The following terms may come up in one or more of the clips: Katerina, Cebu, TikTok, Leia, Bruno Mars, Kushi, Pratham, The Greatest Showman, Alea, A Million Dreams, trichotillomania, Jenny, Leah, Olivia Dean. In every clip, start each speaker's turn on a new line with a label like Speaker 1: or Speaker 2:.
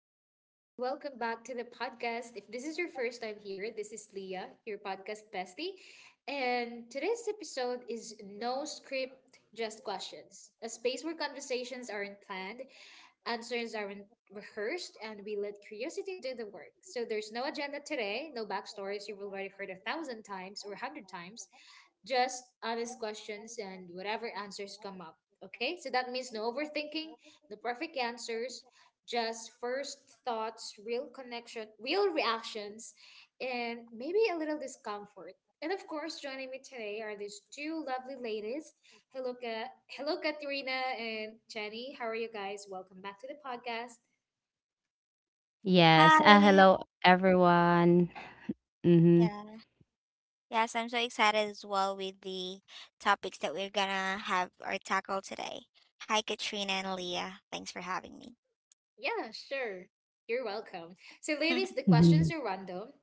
Speaker 1: Hello and welcome back to the podcast. If this is your first time here, this is Leah, your podcast bestie. And today's episode is no script, just questions. A space where conversations aren't planned, answers aren't rehearsed, and we let
Speaker 2: Okay,
Speaker 1: curiosity do the
Speaker 2: this
Speaker 1: work.
Speaker 2: is
Speaker 1: So there's
Speaker 2: interesting.
Speaker 1: no agenda
Speaker 2: Small
Speaker 1: today, no
Speaker 2: town today,
Speaker 1: backstories
Speaker 2: but
Speaker 1: you've
Speaker 2: that
Speaker 1: already heard
Speaker 2: road
Speaker 1: a
Speaker 2: could be
Speaker 1: thousand
Speaker 2: right for the
Speaker 1: times or a
Speaker 2: thousand
Speaker 1: hundred
Speaker 2: times and
Speaker 1: times,
Speaker 2: a hundred times.
Speaker 1: just honest questions and whatever answers come up. Okay, so that means no overthinking, no perfect answers, just first thoughts, real connection, real reactions, and maybe a little discomfort. And of course, joining me today are these two lovely ladies. Hello, hello, Katerina and Jenny. How are you guys? Welcome back to the podcast.
Speaker 2: Yes.
Speaker 3: Hi.
Speaker 2: Hello, everyone. Mm-hmm.
Speaker 3: Yeah. Yes, I'm so excited as well with the topics that we're gonna have or tackle today. Hi, Katrina and Leah. Thanks for having me.
Speaker 1: Yeah, sure. You're welcome. So, ladies, the
Speaker 2: Mm-hmm.
Speaker 1: questions are random.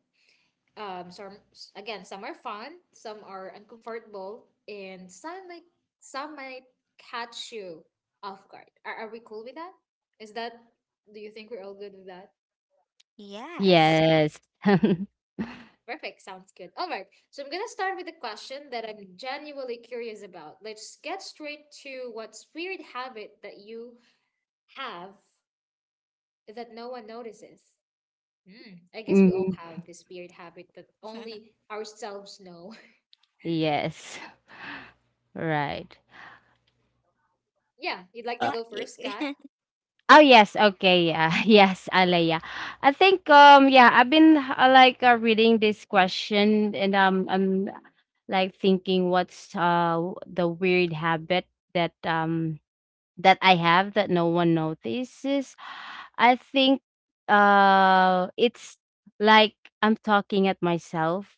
Speaker 1: Some again, some are fun, some are uncomfortable, and some might catch you off guard. Are we cool with that? Is that Do you think we're all good with that?
Speaker 3: Yes.
Speaker 2: Yes.
Speaker 1: Perfect, sounds good. All right, so I'm gonna start with a question that I'm genuinely curious about. Let's get straight to What's weird habit that you have that no one notices? Hmm. I guess we all
Speaker 2: hmm
Speaker 1: have this weird habit that only ourselves know.
Speaker 2: Yes. Right.
Speaker 1: Yeah, you'd like to
Speaker 2: Uh,
Speaker 3: Yeah.
Speaker 1: go
Speaker 3: You.
Speaker 1: first, Kat?
Speaker 2: oh yes. Okay. Yeah. Yes, Alea. I think. Yeah. I've been like reading this question, and I'm like thinking, what's the weird habit that that I have that no one notices, I think it's like I'm talking at myself.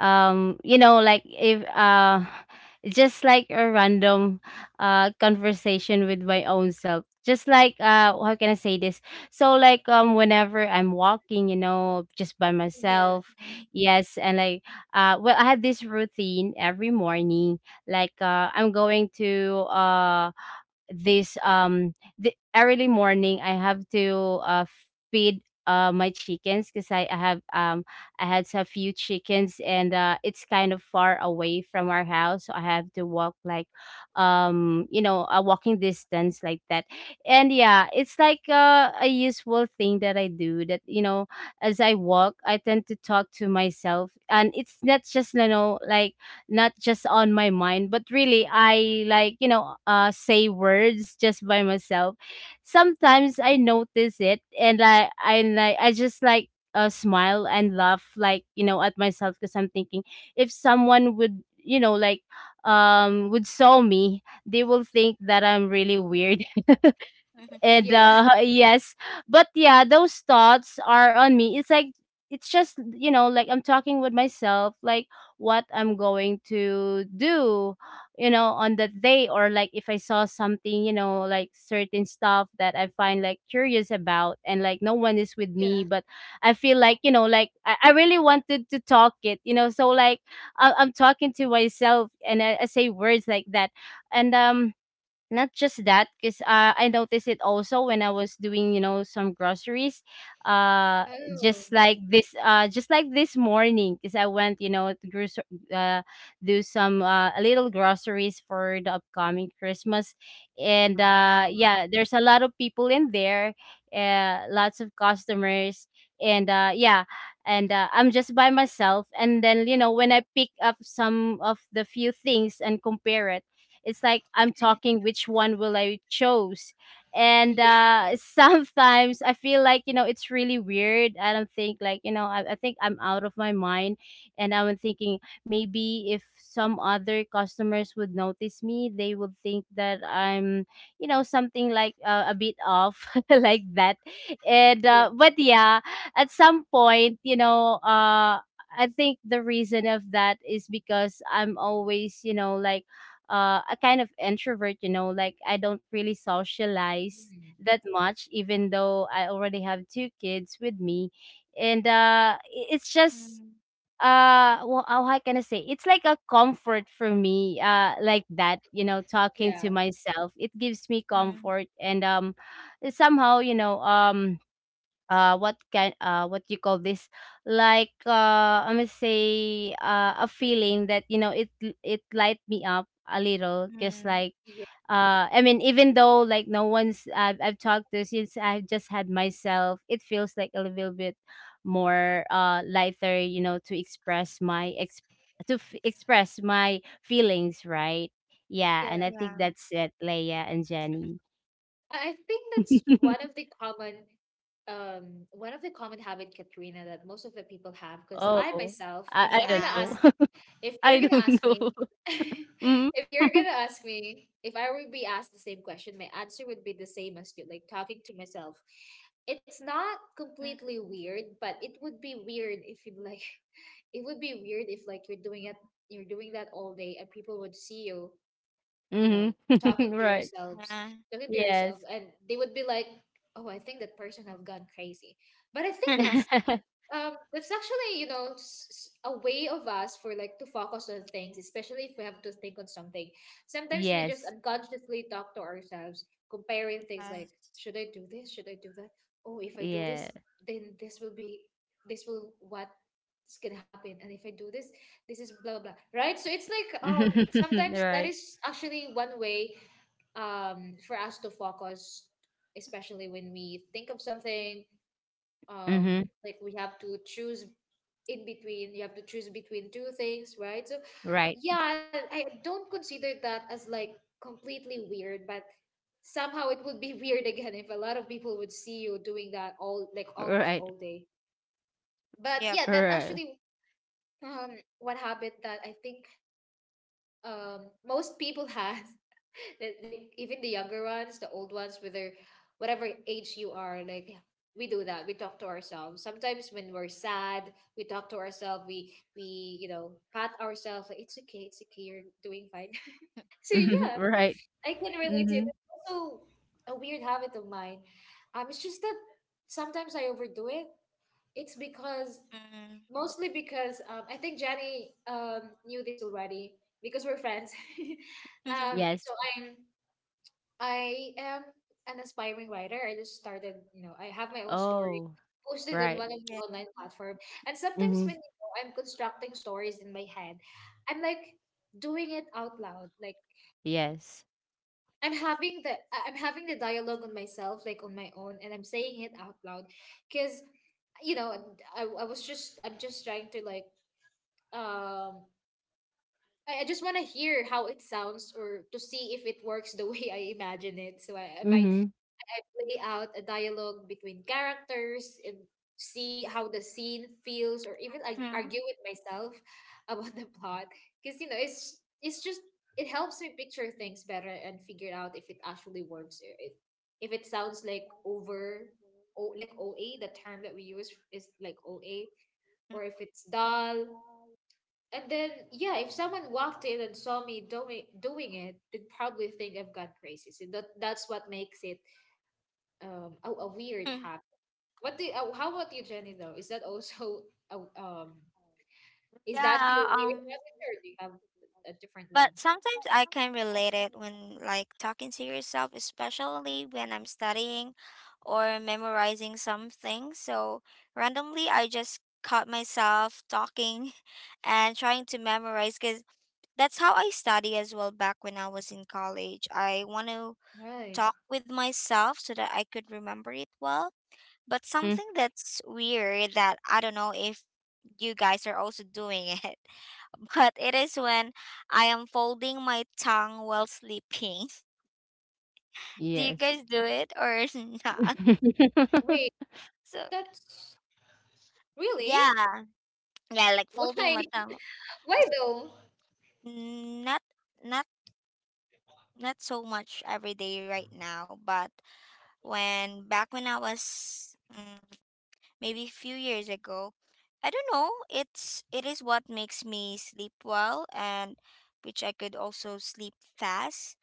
Speaker 2: You know, like if just like a random conversation with my own self. Just like how can I say this? So like whenever I'm walking, you know, just by
Speaker 1: Yeah.
Speaker 2: myself.
Speaker 3: Mhm.
Speaker 2: Yes, and like well, I had this routine every morning. Like I'm going to this the early morning I have to feed my chickens, because I have I had a few chickens, and it's kind of far away from our house, so I have to walk like you know, a walking distance like that. And yeah, it's like a useful thing that I do, that you know, as I walk I tend to talk to myself, and it's not just you know, like not just on my mind, but really I like you know, say words just by myself. Sometimes I notice it, and I like I just like smile and laugh like you know at myself, because I'm thinking if someone would you know, like would saw me, they will think that I'm really weird,
Speaker 3: Mhm.
Speaker 2: and
Speaker 1: Yeah,
Speaker 2: yes. But yeah, those thoughts are on me. It's like, it's just you know like I'm talking with myself, like what I'm going to do you know on that day, or like if I saw something you know, like certain stuff that I find like curious about, and like no one is with
Speaker 1: yeah.
Speaker 2: me, but I feel like you know, like I really wanted to talk it, you know, so like I'm talking to myself, and I say words like that. And not just that, because I noticed it also when I was doing, you know, some groceries. Uh,
Speaker 1: Oh,
Speaker 2: just like this morning, because I went, you know, to uh, do some a little groceries for the upcoming Christmas, and
Speaker 3: Wow.
Speaker 2: yeah, there's a lot of people in there, lots of customers, and yeah, and I'm just by myself. And then you know, when I pick up some of the few things and compare it, it's like I'm talking which one will I choose. And
Speaker 1: yeah,
Speaker 2: sometimes I feel like, you know, it's really weird. I don't think like, you know, I think I'm out of my mind. And I'm thinking, maybe if some other customers would notice me, they would think that I'm, you know, something like a bit off like that. And,
Speaker 1: yeah,
Speaker 2: but yeah, at some point, you know, I think the reason of that is because I'm always, you know, like a kind of introvert, you know, like I don't really socialize
Speaker 1: Mm.
Speaker 2: that much, even though I already have two kids with me. And it's just,
Speaker 3: Mm,
Speaker 2: well, how can I say? It's like a comfort for me, like that, you know, talking
Speaker 1: yeah,
Speaker 2: to myself. It gives me
Speaker 3: mm,
Speaker 2: comfort. And somehow, you know, what can what you call this, like I'm gonna say a feeling that you know, it light me up a little, because
Speaker 3: mm.
Speaker 2: like
Speaker 1: yeah,
Speaker 2: I mean, even though like no one's I've talked to, since I've just had myself, it feels like a little bit more lighter you know, to express my ex, to express my feelings, right? Yeah, and
Speaker 1: yeah.
Speaker 2: I think
Speaker 3: Yeah.
Speaker 2: that's it, Leia and Jenny.
Speaker 1: I think that's one of the common, one of the common habit, Katrina, that most of the people have. Because I
Speaker 2: Oh,
Speaker 1: myself, if
Speaker 2: I
Speaker 1: I'm
Speaker 2: don't
Speaker 1: gonna
Speaker 2: know.
Speaker 3: Yeah.
Speaker 1: ask, if
Speaker 2: I
Speaker 1: you're gonna
Speaker 2: don't
Speaker 1: ask
Speaker 2: know.
Speaker 1: me,
Speaker 2: Mm.
Speaker 1: if you're gonna ask me, if I would be asked the same question, my answer would be the same as you, like talking to myself. It's not
Speaker 3: Mm,
Speaker 1: completely weird, but it would be weird if you like, it would be weird if like you're doing it, you're doing that all day, and people would see you, you
Speaker 2: Mhm.
Speaker 1: know, talking to
Speaker 2: Right.
Speaker 1: yourselves,
Speaker 3: yeah.
Speaker 1: talking to
Speaker 2: Yes.
Speaker 1: yourself, and they would be like, "Oh, I think that person have gone crazy." But I think that's actually, you know, a way of us for like to focus on things, especially if we have to think on something. Sometimes we just
Speaker 2: Yes.
Speaker 1: unconsciously talk to ourselves, comparing things like,
Speaker 3: Yes.
Speaker 1: should I do this? Should I do that? Oh, if I do
Speaker 2: Yeah.
Speaker 1: this, then this will, what is gonna happen? And if I do this, this is blah blah blah, right? So it's like sometimes that
Speaker 2: Right.
Speaker 1: is actually one way for us to focus, especially when we think of something,
Speaker 2: Mhm.
Speaker 1: like we have to choose in between. You have to choose between two things, right? So
Speaker 2: Right.
Speaker 1: yeah, I don't consider that as like completely weird, but somehow it would be weird again if a lot of people would see you doing that all, like almost
Speaker 2: Right.
Speaker 1: all day. But
Speaker 3: Yep.
Speaker 1: yeah, that
Speaker 2: Right.
Speaker 1: actually, um one habit that I think, most people has, that like even the younger ones, the old ones, whether whatever age you are, like we do that. We talk to ourselves. Sometimes when we're sad, we talk to ourselves. We you know, pat ourselves like, it's okay, it's okay, you're doing fine. So
Speaker 2: Mhm.
Speaker 1: yeah,
Speaker 2: Right.
Speaker 1: I can relate to it.
Speaker 2: Mhm.
Speaker 1: It's also a weird habit of mine. It's just that sometimes I overdo it. It's because,
Speaker 3: Mm.
Speaker 1: mostly because, I think Jenny, knew this already because we're friends. um,
Speaker 2: Yes.
Speaker 1: so I'm I am an aspiring writer. I just started, you know, I have my own story
Speaker 2: Oh,
Speaker 1: posted on
Speaker 2: right.
Speaker 1: one of the
Speaker 3: Yeah.
Speaker 1: online platform. And sometimes
Speaker 2: Mhm.
Speaker 1: when you know, I'm constructing stories in my head, I'm like doing it out loud. Like
Speaker 2: Yes.
Speaker 1: I'm having the I'm having the dialogue on myself, like on my own, and I'm saying it out loud because, you know, I'm just trying to like, um I just want to hear how it sounds or to see if it works the way I imagine it. So I might,
Speaker 2: Mhm.
Speaker 1: I play out a dialogue between characters and see how the scene feels, or even like
Speaker 3: Mhm.
Speaker 1: argue with myself about the plot. Because, you know, it's just it helps me picture things better and figure out if it actually works, or if it sounds like over, o like OA, the term that we use is like OA, or if it's dull. And then, yeah, if someone walked in and saw me doing it, they'd probably think I've gone crazy. So that's what makes it a weird
Speaker 3: Mhm.
Speaker 1: habit. What do you, how about you, Jenny? Though, is that also a, is that
Speaker 3: Yeah.
Speaker 1: your weird habit, or do you have a different
Speaker 3: But
Speaker 1: one?
Speaker 3: sometimes I can relate it when, like, talking to yourself, especially when I'm studying or memorizing something. So, randomly, I just caught myself talking and trying to memorize because that's how I study as well back when I was in college. I want to
Speaker 1: Right.
Speaker 3: talk with myself so that I could remember it well. But
Speaker 2: Mhm.
Speaker 3: something that's weird that I don't know if you guys are also doing it, but it is when I am folding my tongue while sleeping. Do you guys
Speaker 2: Yes.
Speaker 3: do it or not?
Speaker 1: Wait,
Speaker 3: So
Speaker 1: that's really
Speaker 3: yeah, yeah, like folding
Speaker 1: why.
Speaker 3: my tongue.
Speaker 1: Why
Speaker 3: It's
Speaker 1: though?
Speaker 3: not not not so much every day right now, but when back when I was, maybe a few years ago, I don't know. It is what makes me sleep well, and which I could also sleep fast,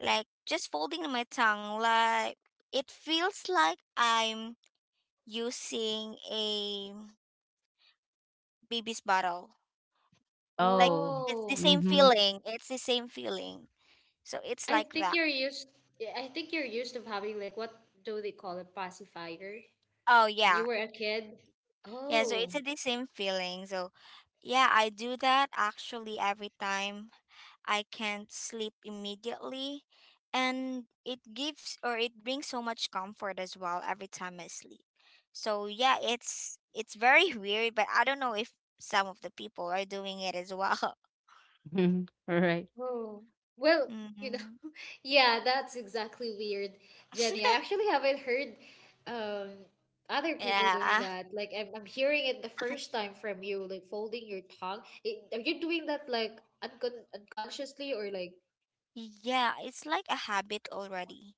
Speaker 3: like just folding my tongue. Like it feels like I'm using a baby's bottle. Like
Speaker 2: Oh.
Speaker 3: it's the
Speaker 1: Oh,
Speaker 3: same
Speaker 2: Mhm.
Speaker 3: feeling, it's the same feeling. So it's
Speaker 1: I
Speaker 3: like
Speaker 1: think
Speaker 3: that.
Speaker 1: you're used. Yeah, I think you're used of having like, what do they call it, pacifier?
Speaker 3: Oh
Speaker 1: When
Speaker 3: yeah,
Speaker 1: you were a kid.
Speaker 3: yeah, so it's
Speaker 1: Oh.
Speaker 3: the same feeling. So yeah, I do that actually every time I can't sleep immediately, and it gives, or it brings so much comfort as well every time I sleep. So yeah, it's very weird, but I don't know if some of the people are doing it as well.
Speaker 2: Mhm. Right.
Speaker 1: Oh, well, you
Speaker 3: Hmm.
Speaker 1: know, yeah, that's exactly weird, Jenny. I actually haven't heard um other people doing
Speaker 3: Yeah.
Speaker 1: that. Like I'm hearing it the first time from you, like folding your tongue. It, are you doing that like unconsciously, or like
Speaker 3: Yeah, it's like a habit already.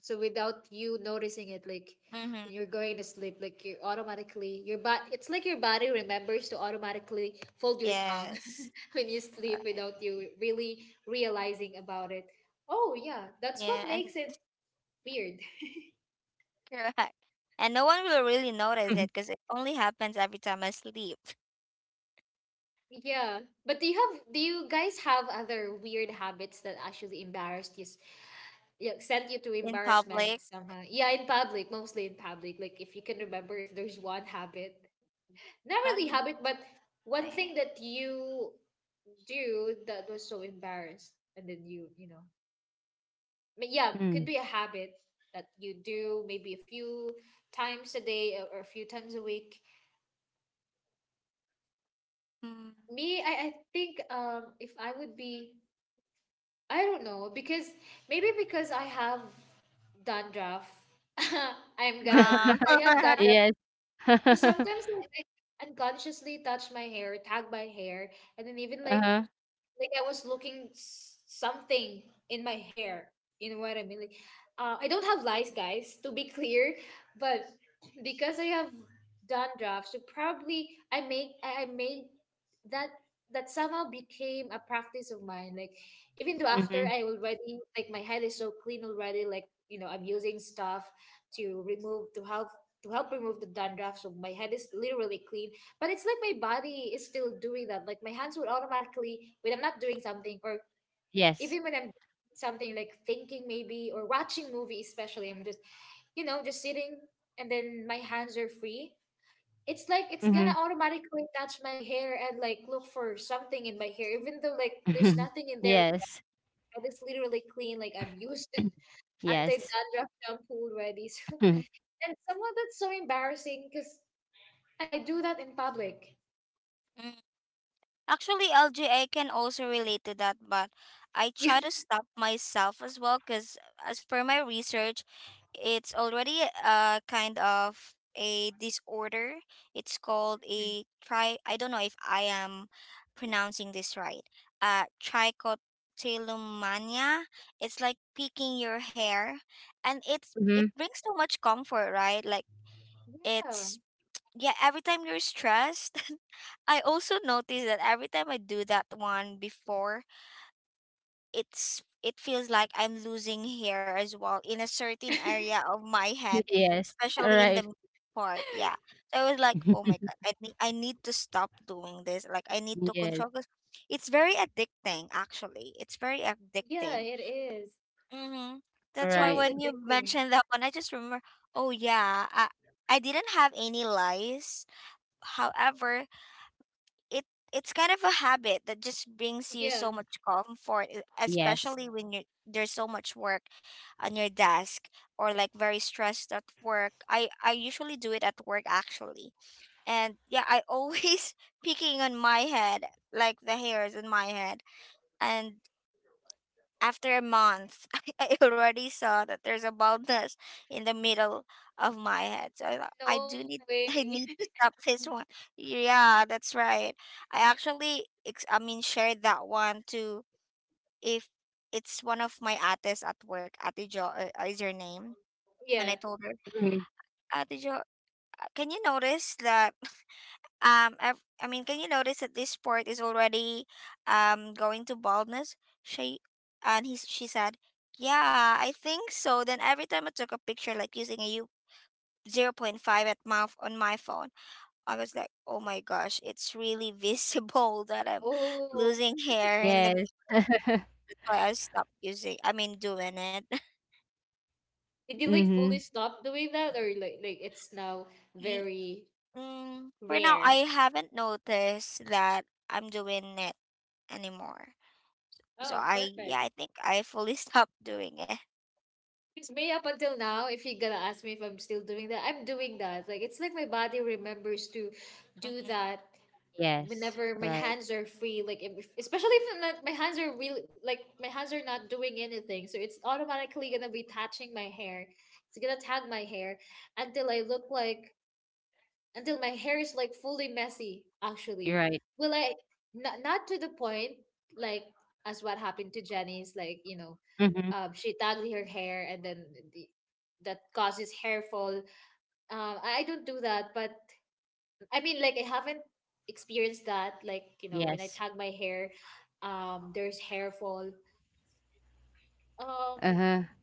Speaker 1: so without you noticing it, like
Speaker 3: Mm-hmm.
Speaker 1: when you're going to sleep, like you're automatically, your body, it's like your body remembers to automatically fold your tongue
Speaker 3: Yes.
Speaker 1: when you sleep
Speaker 3: Alright.
Speaker 1: without you really realizing about it. Oh yeah, that's what
Speaker 3: Yeah, and
Speaker 1: makes it weird.
Speaker 3: correct. And no one will really notice it because it only happens every time I sleep
Speaker 1: Yeah. But do you have, do you guys have other weird habits that actually embarrassed you yeah, sent you to
Speaker 3: in
Speaker 1: embarrassment
Speaker 3: public.
Speaker 1: somehow? Yeah, in public, mostly in public. Like if you can remember if there's one habit. Not
Speaker 3: Let
Speaker 1: really
Speaker 3: me
Speaker 1: habit, but one thing
Speaker 3: think.
Speaker 1: that you do that was so embarrassed and then you know. But yeah,
Speaker 2: Mm.
Speaker 1: could be a habit that you do maybe a few times a day or a few times a week.
Speaker 3: Hmm.
Speaker 1: Me, I think if I would be, I don't know because maybe because I have dandruff. I'm gonna
Speaker 3: Uh,
Speaker 1: admit I have dandruff.
Speaker 2: Yes.
Speaker 1: So sometimes I like, unconsciously touch my hair, tag my hair, and then even
Speaker 2: Uh-huh.
Speaker 1: like I was looking something in my hair. You know what I mean? Like, I don't have lice, guys, to be clear, but because I have dandruff, so probably I make I made that, that somehow became a practice of mine. Like, even though after
Speaker 2: Mhm.
Speaker 1: I already, like my head is so clean already, like you know I'm using stuff to remove to help to help remove the dandruff, so my head is literally clean. But it's like my body is still doing that. Like my hands would automatically, when I'm not doing something, or
Speaker 2: Yes.
Speaker 1: even when I'm doing something like thinking maybe or watching movie, especially, I'm just, you know, just sitting and then my hands are free. It's like it's gonna
Speaker 2: Mhm.
Speaker 1: automatically touch my hair and like look for something in my hair, even though like there's nothing in there.
Speaker 2: Yes.
Speaker 1: Like, it's literally clean. Like I've used anti
Speaker 2: Yes.
Speaker 1: dandruff shampoo already. So, and somehow that's so embarrassing because I do that in public.
Speaker 3: Mm. Actually, LGA can also relate to that, but I try to stop myself as well because, as per my research, it's already a kind of a disorder. It's called a tri. I don't know if I am pronouncing this right. Trichotillomania. It's like picking your hair, and it's it
Speaker 2: Mhm.
Speaker 3: brings so much comfort, right? Like
Speaker 1: Yeah. Yeah.
Speaker 3: it's, yeah. Every time you're stressed. I also notice that every time I do that one before, it's it feels like I'm losing hair as well in a certain area of my head,
Speaker 2: Yes. All
Speaker 3: especially in the
Speaker 2: right.
Speaker 3: mid part. Yeah. So I was like, oh my God, I need to stop doing this. Like I need to
Speaker 2: Yes.
Speaker 3: control, because it's very addicting. Actually, it's very
Speaker 1: Yeah,
Speaker 3: addicting.
Speaker 1: it is.
Speaker 3: Mm-hmm.
Speaker 2: All
Speaker 3: That's why
Speaker 1: It is
Speaker 2: right.
Speaker 3: when you
Speaker 1: addicting.
Speaker 3: mentioned that one, I just remember. Oh yeah, I didn't have any lice. However, it it's kind of a habit that just brings you
Speaker 1: Yeah,
Speaker 3: so much comfort, e-
Speaker 2: Yes.
Speaker 3: especially when you there's so much work on your desk, or like very stressed at work. I usually do it at work actually, and yeah, I always picking on my head, like the hairs in my head, and after a month, I already saw that there's a baldness in the middle of my head. So I thought, I do need I need to stop this one. Yeah, that's right. I actually I mean, shared that one to if it's one of my ates at work. Ate Jo, is her name, and I
Speaker 1: yeah.
Speaker 3: told her,
Speaker 2: Mhm.
Speaker 3: "Ate Jo, can you notice that? I've, I mean, can you notice that this sport is already going to baldness?" She and he she said, "Yeah, I think so." Then every time I took a picture, like using a U 0.5 at mouth on my phone, I was like, "Oh my gosh, it's really visible that I'm
Speaker 1: Oh,
Speaker 3: losing hair." And the
Speaker 2: Yes.
Speaker 3: that's why I stopped using. I mean, doing it.
Speaker 1: did you like fully
Speaker 2: Mhm.
Speaker 1: stop doing that, or like it's now
Speaker 3: Ye-
Speaker 1: very
Speaker 3: Mm, for now,
Speaker 1: rare?
Speaker 3: I haven't noticed that I'm doing it anymore. So
Speaker 1: Oh,
Speaker 3: I, yeah,
Speaker 1: perfect.
Speaker 3: I think I fully stopped doing it.
Speaker 1: Because me up until now, if you're gonna ask me if I'm still doing that, I'm doing that. Like it's like my body remembers to do
Speaker 3: Mhm.
Speaker 1: that
Speaker 2: Yes.
Speaker 1: whenever my
Speaker 2: Right.
Speaker 1: hands are free. Like especially if I'm not, my hands are really like my hands are not doing anything, so it's automatically gonna be touching my hair. It's gonna tag my hair until I look like, until my hair is like fully messy actually.
Speaker 2: You're right.
Speaker 1: Well, I, not, not to the point like as what happened to Jenny's, like you know,
Speaker 2: Mhm.
Speaker 1: she tangled her hair and then the, that causes hair fall. I don't do that, but I mean like I haven't experienced that like, you know, when I
Speaker 2: Yes.
Speaker 1: tag my hair there's hair fall. um,
Speaker 2: Uh-huh.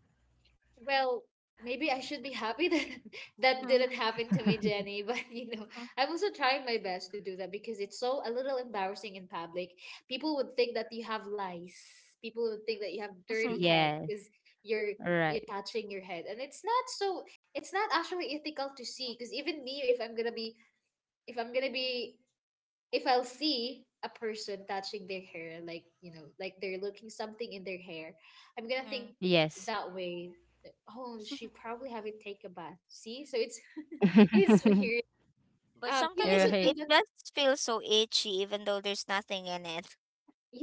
Speaker 1: Well, maybe I should be happy that that didn't happen to me, Jenny. But you know, I'm also trying my best to do that because it's so a little embarrassing in public. People would think that you have lice. People would think that you have dirty head
Speaker 2: Yes.
Speaker 1: because you're
Speaker 2: All right.
Speaker 1: you're touching your head, and it's not so. It's not actually ethical to see because even me, if I'm gonna be, if I'm gonna be, if I'll see a person touching their hair, like you know, like they're looking something in their hair, I'm gonna
Speaker 3: Mhm.
Speaker 1: think
Speaker 2: Yes.
Speaker 1: that way. That, oh, she probably haven't take a bath. See, so it's it's weird.
Speaker 3: But
Speaker 1: You
Speaker 3: sometimes
Speaker 2: You're
Speaker 1: also
Speaker 3: it
Speaker 2: right.
Speaker 1: do
Speaker 3: it
Speaker 1: that.
Speaker 3: just feels so itchy even though there's nothing in it.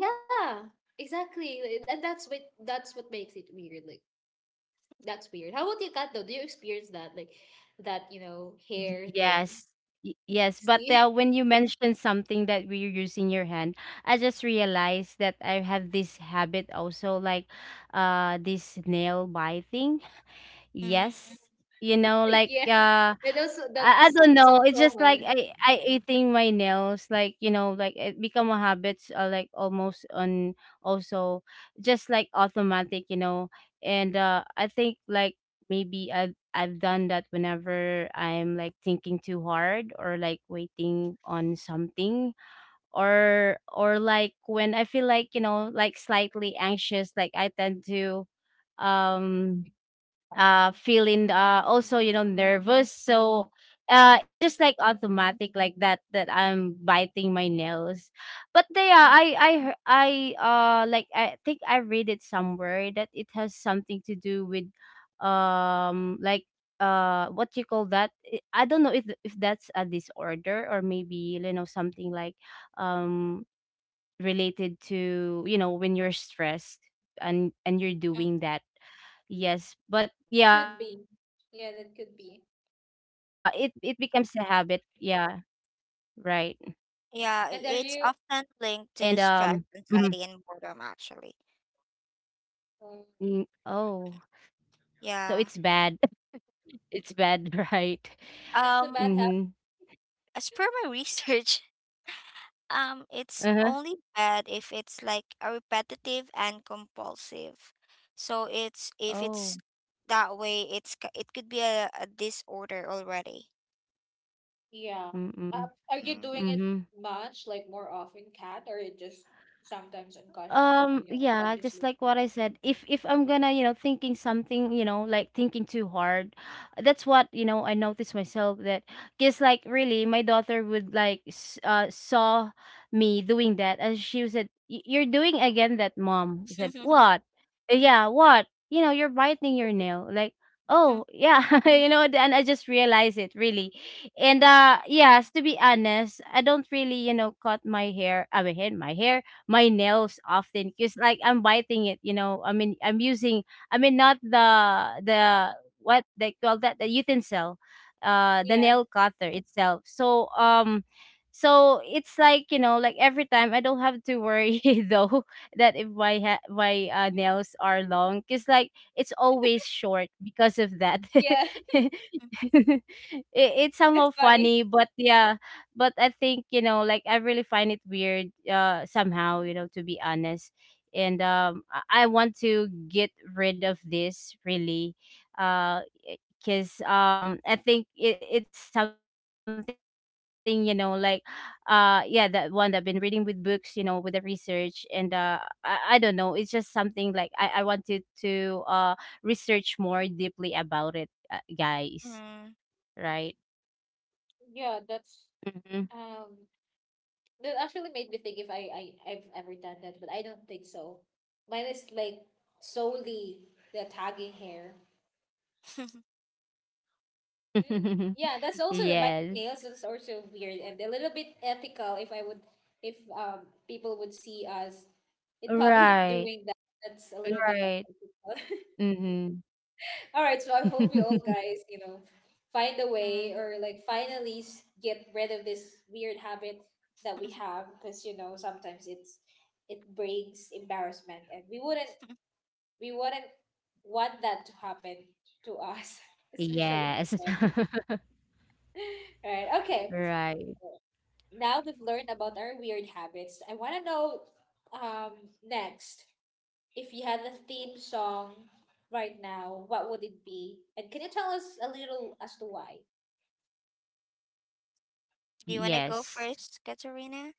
Speaker 1: Yeah, exactly. Like, that, that's what, that's what makes it weird. Like that's weird. How about you, Kat? Though, do you experience that? Like that hair thing.
Speaker 2: Yes. Yes, but
Speaker 1: See,
Speaker 2: when you mentioned something that we're using your hand, I just realized that I have this habit also, like this nail biting.
Speaker 3: Mhm.
Speaker 2: Yes, you know, like
Speaker 1: yeah,
Speaker 2: I
Speaker 1: that's
Speaker 2: don't
Speaker 1: so
Speaker 2: know. It's just like
Speaker 1: common.
Speaker 2: I eating my nails, like you know, like it become a habit, like almost on, also, just like automatic, you know. And I think like maybe I've done that whenever I'm like thinking too hard, or like waiting on something, or like when I feel like you know, like slightly anxious, like I tend to um feeling also, you know, nervous. So it's just like automatic like that, that I'm biting my nails. But they are, I like I think I read it somewhere that it has something to do with like what you call that, I don't know if that's a disorder, or maybe you know something like um related to you know, when you're stressed, and you're doing that. Yes, but yeah,
Speaker 1: Could
Speaker 2: it
Speaker 1: be.
Speaker 2: it becomes
Speaker 1: Yeah,
Speaker 2: a
Speaker 1: that could
Speaker 2: habit.
Speaker 1: be.
Speaker 2: Yeah, right.
Speaker 3: Yeah,
Speaker 2: And
Speaker 1: And
Speaker 3: I-
Speaker 1: are
Speaker 3: it's
Speaker 1: you
Speaker 3: often
Speaker 2: mhm.
Speaker 3: linked to stress, anxiety, and boredom actually.
Speaker 2: Mm,
Speaker 1: Um,
Speaker 2: oh, so it's bad.
Speaker 3: Yeah.
Speaker 2: It's bad, right?
Speaker 1: that's-
Speaker 2: Mm-hmm.
Speaker 3: Um, as per my research, um,
Speaker 2: Uh-huh.
Speaker 3: it's only bad if it's like a repetitive and compulsive. So it's, if
Speaker 2: Oh.
Speaker 3: it's that way, it's ca- it could be a disorder already.
Speaker 1: Yeah.
Speaker 2: Mm-mm.
Speaker 1: Are you
Speaker 3: Mm.
Speaker 1: doing it
Speaker 2: Mm-hmm.
Speaker 1: much, like more often, Kat, or it just sometimes
Speaker 2: Yeah, just
Speaker 1: unconsciously?
Speaker 2: like what I said, if I'm gonna, you know, thinking something, you know, like thinking too hard, that's what, you know, I noticed myself, that because like really my daughter would like saw me doing that, and she said, You're doing again that, mom." I said, "What?" Yeah, what?" You know, you're biting your nail. Like, "Oh, yeah." You know, and I just realized it really. And yes, to be honest, I don't really, you know, cut my hair, I mean, my hair, my nails often, because like I'm biting it, you know. I mean, I'm using, I mean, not the what they call that, the utensil, the
Speaker 1: Yeah,
Speaker 2: nail cutter itself. So so it's like you know, like every time I don't have to worry though that if my nails are long, because like it's always short because of that.
Speaker 1: yeah,
Speaker 2: It, it's somehow
Speaker 1: that's funny.
Speaker 2: funny, but yeah, but I think you know, like I really find it weird somehow, you know, to be honest. And I want to get rid of this really. Uh because I think it, it's something, you know, like yeah, that one that I've been reading with books, you know, with the research, and I don't know, it's just something like I wanted to research more deeply about it, guys.
Speaker 3: Mm.
Speaker 2: Right.
Speaker 1: Yeah. That's
Speaker 2: Mm-hmm.
Speaker 1: um. That actually made me think if I've ever done that, but I don't think so. Mine is like solely the tagging hair. Mm. Yeah, that's also the
Speaker 2: Yes.
Speaker 1: biting nails is also weird and a little bit ethical if people would see us in public
Speaker 2: Right,
Speaker 1: doing that. That's a little bit
Speaker 2: right.
Speaker 1: unethical.
Speaker 2: Mhm.
Speaker 1: All right, so I hope you all guys find a way
Speaker 3: Mm.
Speaker 1: or like finally get rid of this weird habit that we have because sometimes it brings embarrassment and we wouldn't want that to happen to us, especially in
Speaker 2: Yes.
Speaker 1: public. Right. Okay.
Speaker 2: Right.
Speaker 1: Now we've learned about our weird habits, I want to know, um, next, if you had a theme song right now, what would it be? And can you tell us a little as to why?
Speaker 3: Do you want to go
Speaker 2: Yes.
Speaker 3: first, Katerina?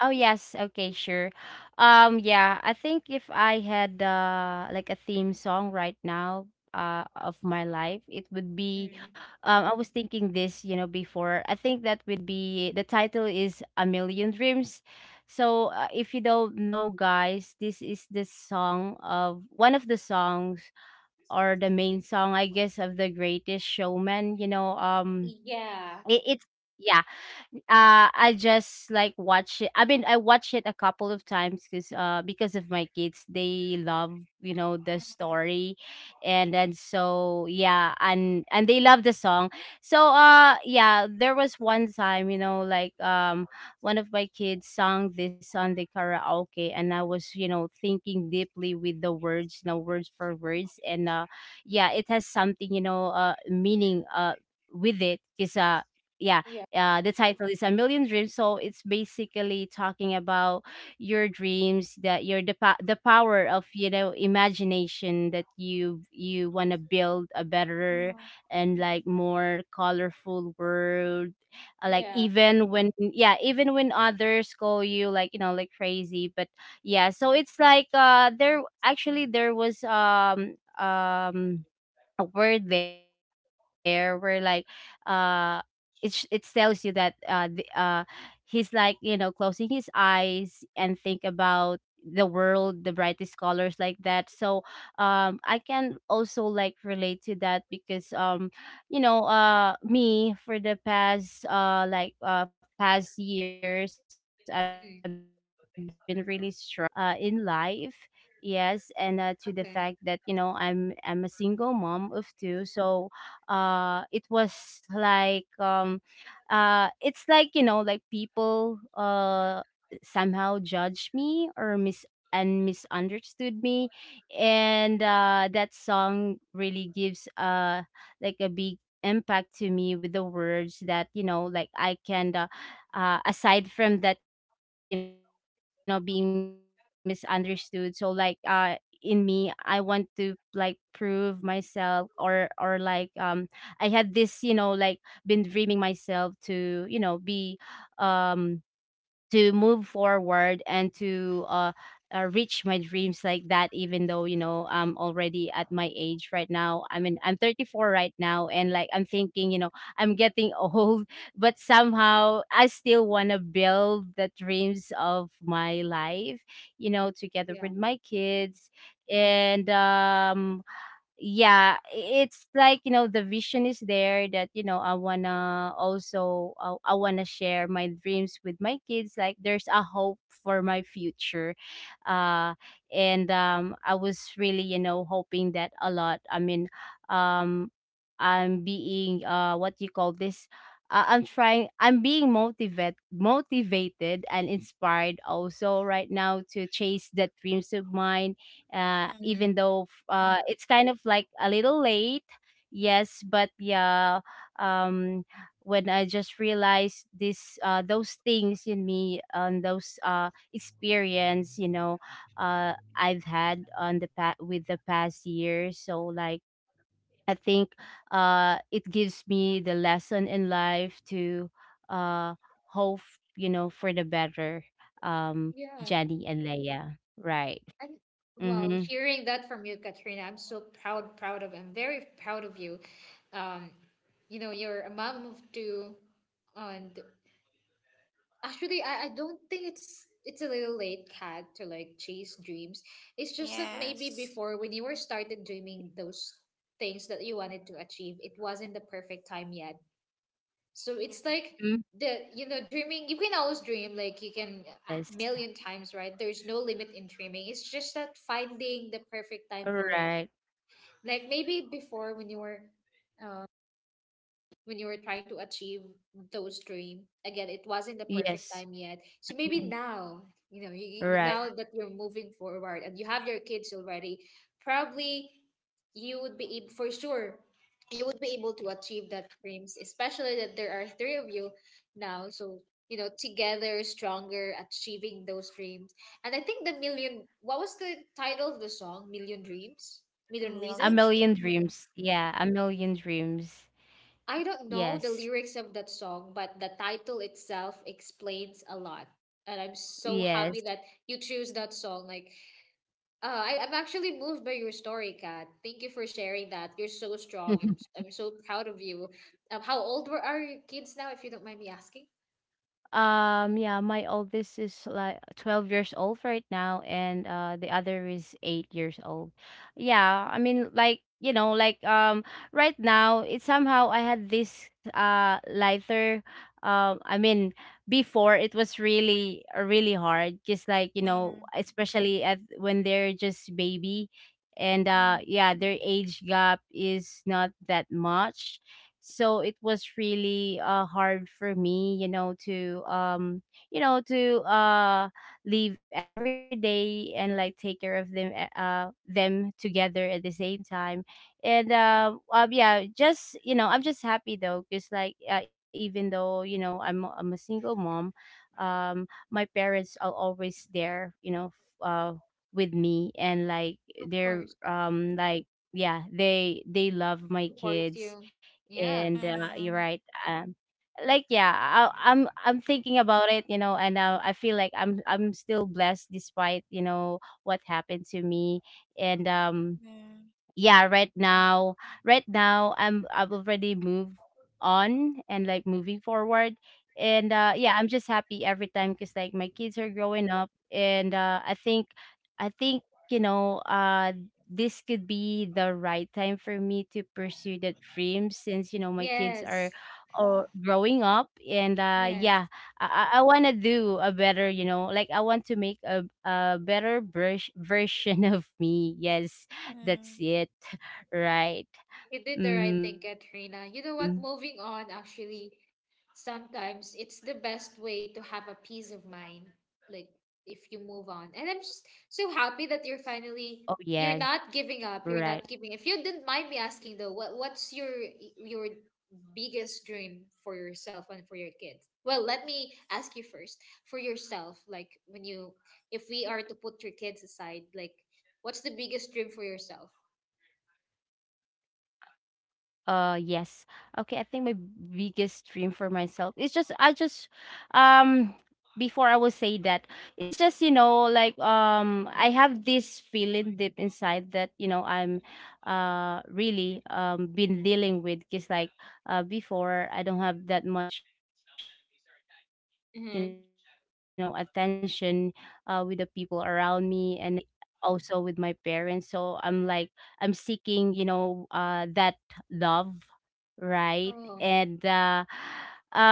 Speaker 2: Oh, yes. Okay, sure. Yeah, I think if I had like a theme song right now of my life, it would be
Speaker 1: Mm.
Speaker 2: I was thinking this, you know, before. I think that would be, the title is A Million Dreams. So, if you don't know, guys, this is the song, of one of the songs, or the main song, I guess, of The Greatest Showman. You know,
Speaker 1: Yeah,
Speaker 2: it, it's yeah, I just like watch it. I mean, I watch it a couple of times because of my kids, they love you know the story, and then, so yeah, and they love the song. So yeah, there was one time you know like one of my kids sang this on the karaoke, and I was you know thinking deeply with the words, you know, words for words, and yeah, it has something you know, meaning with it, because yeah,
Speaker 1: yeah,
Speaker 2: the title is A Million Dreams. So it's basically talking about your dreams, that your the, the power of you know, imagination, that you want to build a better
Speaker 3: Mm,
Speaker 2: and like more colorful world. Like
Speaker 3: mm,
Speaker 1: yeah.
Speaker 2: even when, yeah, even when others call you like you know like crazy, but yeah. So it's like there actually there was a word there where like uh it tells you that he's like you know closing his eyes and think about the world, the brightest colors like that. So I can also like relate to that, because you know, me, for the past past years, I've been really struggling in like in life. Yes, and to the fact that you know, I'm a single mom of two. So it was like, it's like you know, like people somehow judge me or mis and misunderstood me. And that song really gives like a big impact to me, with the words that you know, like I can aside from that, you know, being misunderstood. So like in me, I want to like prove myself, or like I had this you know, like been dreaming myself to you know be um to move forward and to reach my dreams, like that. Even though you know, I'm already at my age right now. I mean, I'm 34 right now, and like I'm thinking you know, I'm getting old, but somehow I still want to build the dreams of my life, you know, together
Speaker 1: Yeah.
Speaker 2: with my kids. And yeah, it's like you know, the vision is there, that you know, I wanna also I wanna share my dreams with my kids. Like there's a hope for my future. uh and I was really you know hoping that a lot, I mean, um I'm being what you call this, I'm being motivated and inspired also right now to chase the dreams of mine.
Speaker 3: mm,
Speaker 2: Even
Speaker 1: Hmm.
Speaker 2: though it's kind of like a little late. Yes, but yeah, um, when I just realized this, those things in me, and those experience, you know, I've had on with the past year. So like, I think it gives me the lesson in life to uh, hope, you know, for the better. Um,
Speaker 1: Yeah.
Speaker 3: mm.
Speaker 2: Jenny and Leia, right?
Speaker 1: And wow,
Speaker 2: Mm-hmm.
Speaker 1: hearing that from you, Katrina, I'm so proud, proud of I'm very proud of you. Um you know Your mom moved to and actually I don't think it's a little late, cat, to like chase dreams. It's just that maybe
Speaker 3: Yes.
Speaker 1: before, when you were started dreaming those things that you wanted to achieve, it wasn't the perfect time yet. So it's
Speaker 3: Yeah.
Speaker 1: like the you know dreaming, you can always dream, like, you can
Speaker 2: Yes.
Speaker 1: a million times, right? There's no limit in dreaming. It's just that finding the perfect time for
Speaker 2: Right.
Speaker 1: it. Like,
Speaker 3: Mm,
Speaker 1: maybe before, um when you were trying to achieve those dream again, it wasn't the
Speaker 2: Yes.
Speaker 1: perfect time yet. So
Speaker 2: Mm.
Speaker 1: maybe now
Speaker 2: Right.
Speaker 1: now
Speaker 3: yeah.
Speaker 1: that you're moving forward and you have your kids already, probably you would be able, for sure you would be able to achieve that dreams, especially that there are three of you now. So, together stronger achieving those dreams. And I think, the million what was the title of the song? Million dreams? Million
Speaker 3: A
Speaker 2: A
Speaker 1: reasons?
Speaker 3: million
Speaker 2: million
Speaker 3: dream.
Speaker 2: dreams. Yeah, a million dreams.
Speaker 1: I don't know the
Speaker 2: Yes.
Speaker 1: lyrics of that song, but the title itself explains a lot. And I'm so
Speaker 2: Yes.
Speaker 1: happy that you choose that song. Like, I'm actually moved by your story, Kat. Thank you for sharing that. You're so strong. I'm so proud of you. How old are your kids now, if you don't mind me asking?
Speaker 2: Yeah, my oldest is like 12 years old right now, and the other is 8 years old. Yeah, I mean, like, you know, like, right now, it somehow I had this lighter. I mean, before it was really, really hard, just like, you know,
Speaker 3: Mm,
Speaker 2: especially at when they're just baby, and
Speaker 3: mm,
Speaker 2: yeah, their age gap is not that much, so it was really hard for me you know to you know to uh leave every day and like take care of them them together at the same time. And yeah, just you know, I'm just happy though, because like even though you know, I'm a single mom, my parents are always there you know, with me. And like
Speaker 1: Of course,
Speaker 2: they're like yeah, they love my
Speaker 1: supports you.
Speaker 2: kids.
Speaker 1: Yeah.
Speaker 2: And
Speaker 3: mm,
Speaker 2: you're right. Like yeah, I'm thinking about it, you know, and I feel like I'm still blessed despite you know what happened to me. And
Speaker 3: mm, mm,
Speaker 2: yeah, right now, right now I've already moved on and like moving forward. And yeah, I'm just happy every time because like my kids are growing up. And I think you know this could be the right time for me to pursue that dream, since you know my kids are
Speaker 1: Yes.
Speaker 2: or growing up. And
Speaker 3: mm,
Speaker 1: Yes.
Speaker 2: yeah, I want to do a better, you know, like I want to make a better version of me. Yes, that's
Speaker 3: mm,
Speaker 2: it. Right.
Speaker 1: You did the right thing,
Speaker 2: Mhm.
Speaker 1: Katrina. You know what? Moving on, actually, sometimes it's the best way to have a peace of mind. Like if you move on, and I'm just
Speaker 2: Oh,
Speaker 1: so happy
Speaker 2: yes.
Speaker 1: that you're finally,
Speaker 2: Right.
Speaker 1: you're not giving up. You're not giving. If you didn't mind me asking though, what's your biggest dream for yourself and for your kids? Well, let me ask you first, for yourself. Like, if we are to put your kids aside, like what's the biggest dream for yourself?
Speaker 2: Yes. Okay, I think my biggest dream for myself is just I just um before I will say that it's just you know like I have this feeling deep inside that you know I'm really been dealing with. Because like before, I don't have that much you know attention with the
Speaker 1: Mm-hmm.
Speaker 2: people around me, and also with my parents. So I'm like I'm seeking you know that love, right? And
Speaker 1: Oh.
Speaker 2: um,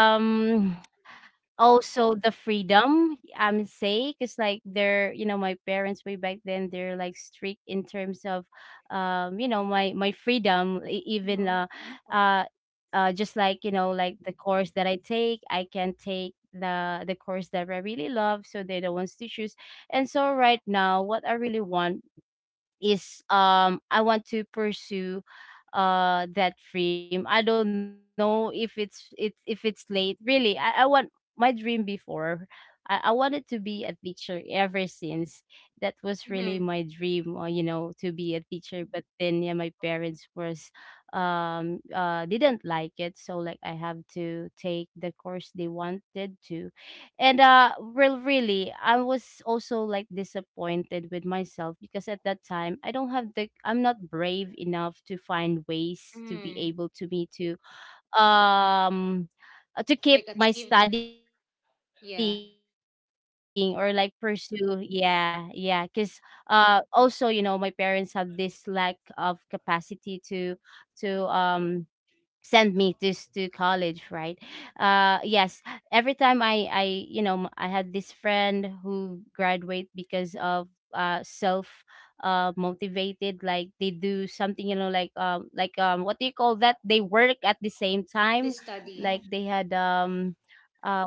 Speaker 2: also the freedom, I'm say, because like they're, you know, my parents way back then, they're like strict in terms of, you know, my freedom, e- even
Speaker 1: Mm-hmm.
Speaker 2: uh,
Speaker 3: mm,
Speaker 2: just like you know, like the course that I take, I can take the course that I really love, so they're the ones to choose. And so right now, what I really want is I want to pursue that dream. I don't know if it's it's if it's late. Really, I want my dream before. I wanted to be a teacher ever since. That was really
Speaker 1: Mm-hmm.
Speaker 2: my dream, you know, to be a teacher. But then yeah, my parents was didn't like it. So like I have to take the course they wanted to. And well, really I was also like disappointed with myself, because at that time I don't have the I'm not brave enough to find ways
Speaker 1: Mm-hmm.
Speaker 2: to be able to me um to keep
Speaker 1: Like
Speaker 2: my
Speaker 1: achieved.
Speaker 2: studying or like
Speaker 1: Yeah.
Speaker 2: pursue, yeah, yeah. Because also you know my parents have this lack of capacity to send me to to college, right? Yes, every time I you know, I had this friend who graduate because of self motivated. Like they do something, you know, like what do you call that, they work at the same time. Like
Speaker 1: This
Speaker 2: they
Speaker 3: mm,
Speaker 2: had
Speaker 1: study.
Speaker 3: mm,
Speaker 2: uh